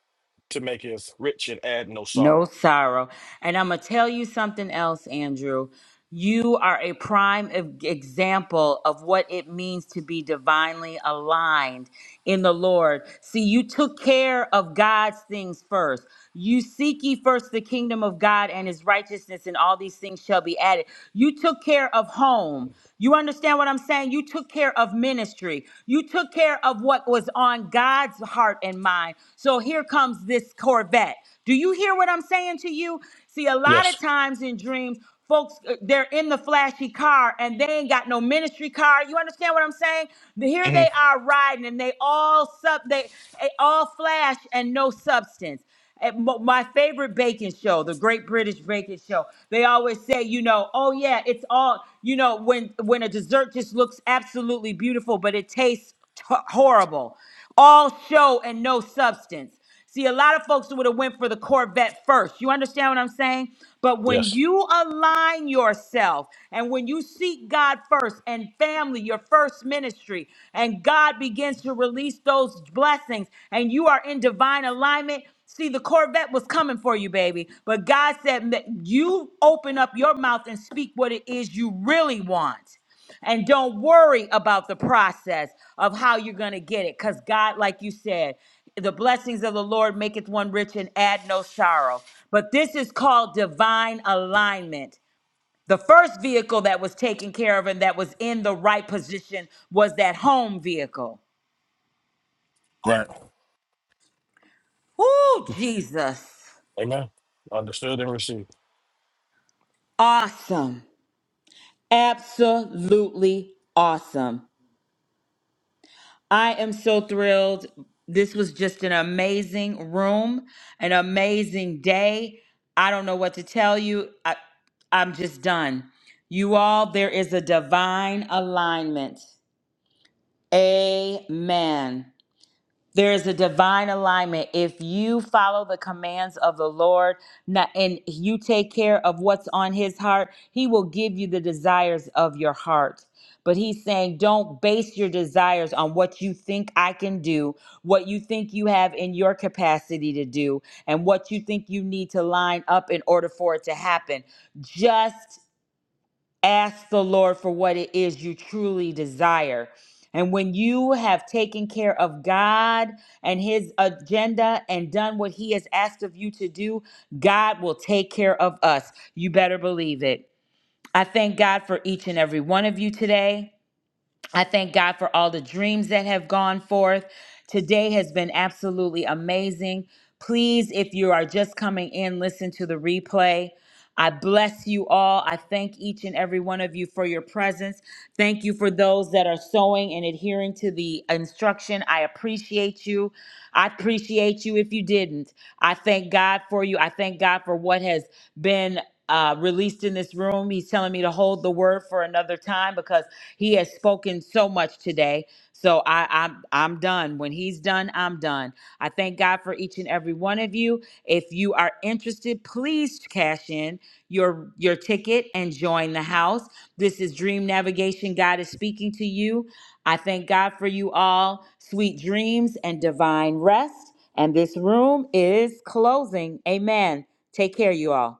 J: to make us rich and add no
A: No
J: sorrow.
A: sorrow. And I'm going to tell you something else, Andrew. You are a prime e- example of what it means to be divinely aligned in the Lord. See, you took care of God's things first. You seek ye first the kingdom of God and his righteousness, and all these things shall be added. You took care of home. You understand what I'm saying? You took care of ministry. You took care of what was on God's heart and mind. So here comes this Corvette. Do you hear what I'm saying to you? See, a lot of
J: Yes.
A: times in dreams, Folks, uh, they're in the flashy car and they ain't got no ministry car. You understand what I'm saying? The- Here
J: hmm
A: they are riding and they all sub they, they all flash and no substance. At mo- my favorite baking show, the Great British Baking Show, they always say, you know, oh yeah, it's all, you know, when when a dessert just looks absolutely beautiful, but it tastes t- horrible, all show and no substance. See, a lot of folks would have went for the Corvette first. You understand what I'm saying? But when
J: Yes.
A: you align yourself and when you seek God first and family, your first ministry, and God begins to release those blessings and you are in divine alignment, See, the Corvette was coming for you, baby. But God said that you open up your mouth and speak what it is you really want. And don't worry about the process of how you're going to get it. Because God, like you said, the blessings of the Lord maketh one rich and add no sorrow. But this is called divine alignment. The first vehicle that was taken care of and that was in the right position was that home vehicle.
J: Right.
A: Ooh, Jesus.
J: Amen. Understood and received.
A: Awesome. Absolutely awesome. I am so thrilled. This was just an amazing room, an amazing day. I don't know what to tell you. I, I'm just done. You all, there is a divine alignment. Amen. There is a divine alignment. If you follow the commands of the Lord na- and you take care of what's on his heart, he will give you the desires of your heart. But he's saying, don't base your desires on what you think I can do, what you think you have in your capacity to do, and what you think you need to line up in order for it to happen. Just ask the Lord for what it is you truly desire. And when you have taken care of God and His agenda and done what He has asked of you to do, God will take care of us. You better believe it. I thank God for each and every one of you today. I thank God for all the dreams that have gone forth. Today has been absolutely amazing. Please, if you are just coming in, listen to the replay. I bless you all. I thank each and every one of you for your presence. Thank you for those that are sowing and adhering to the instruction. I appreciate you. I appreciate you if you didn't. I thank God for you. I thank God for what has been uh, released in this room. He's telling me to hold the word for another time because he has spoken so much today. So I, I'm I'm done. When he's done, I'm done. I thank God for each and every one of you. If you are interested, please cash in your your ticket and join the house. This is Dream Navigation. God is speaking to you. I thank God for you all. Sweet dreams and divine rest. And this room is closing. Amen. Take care, you all.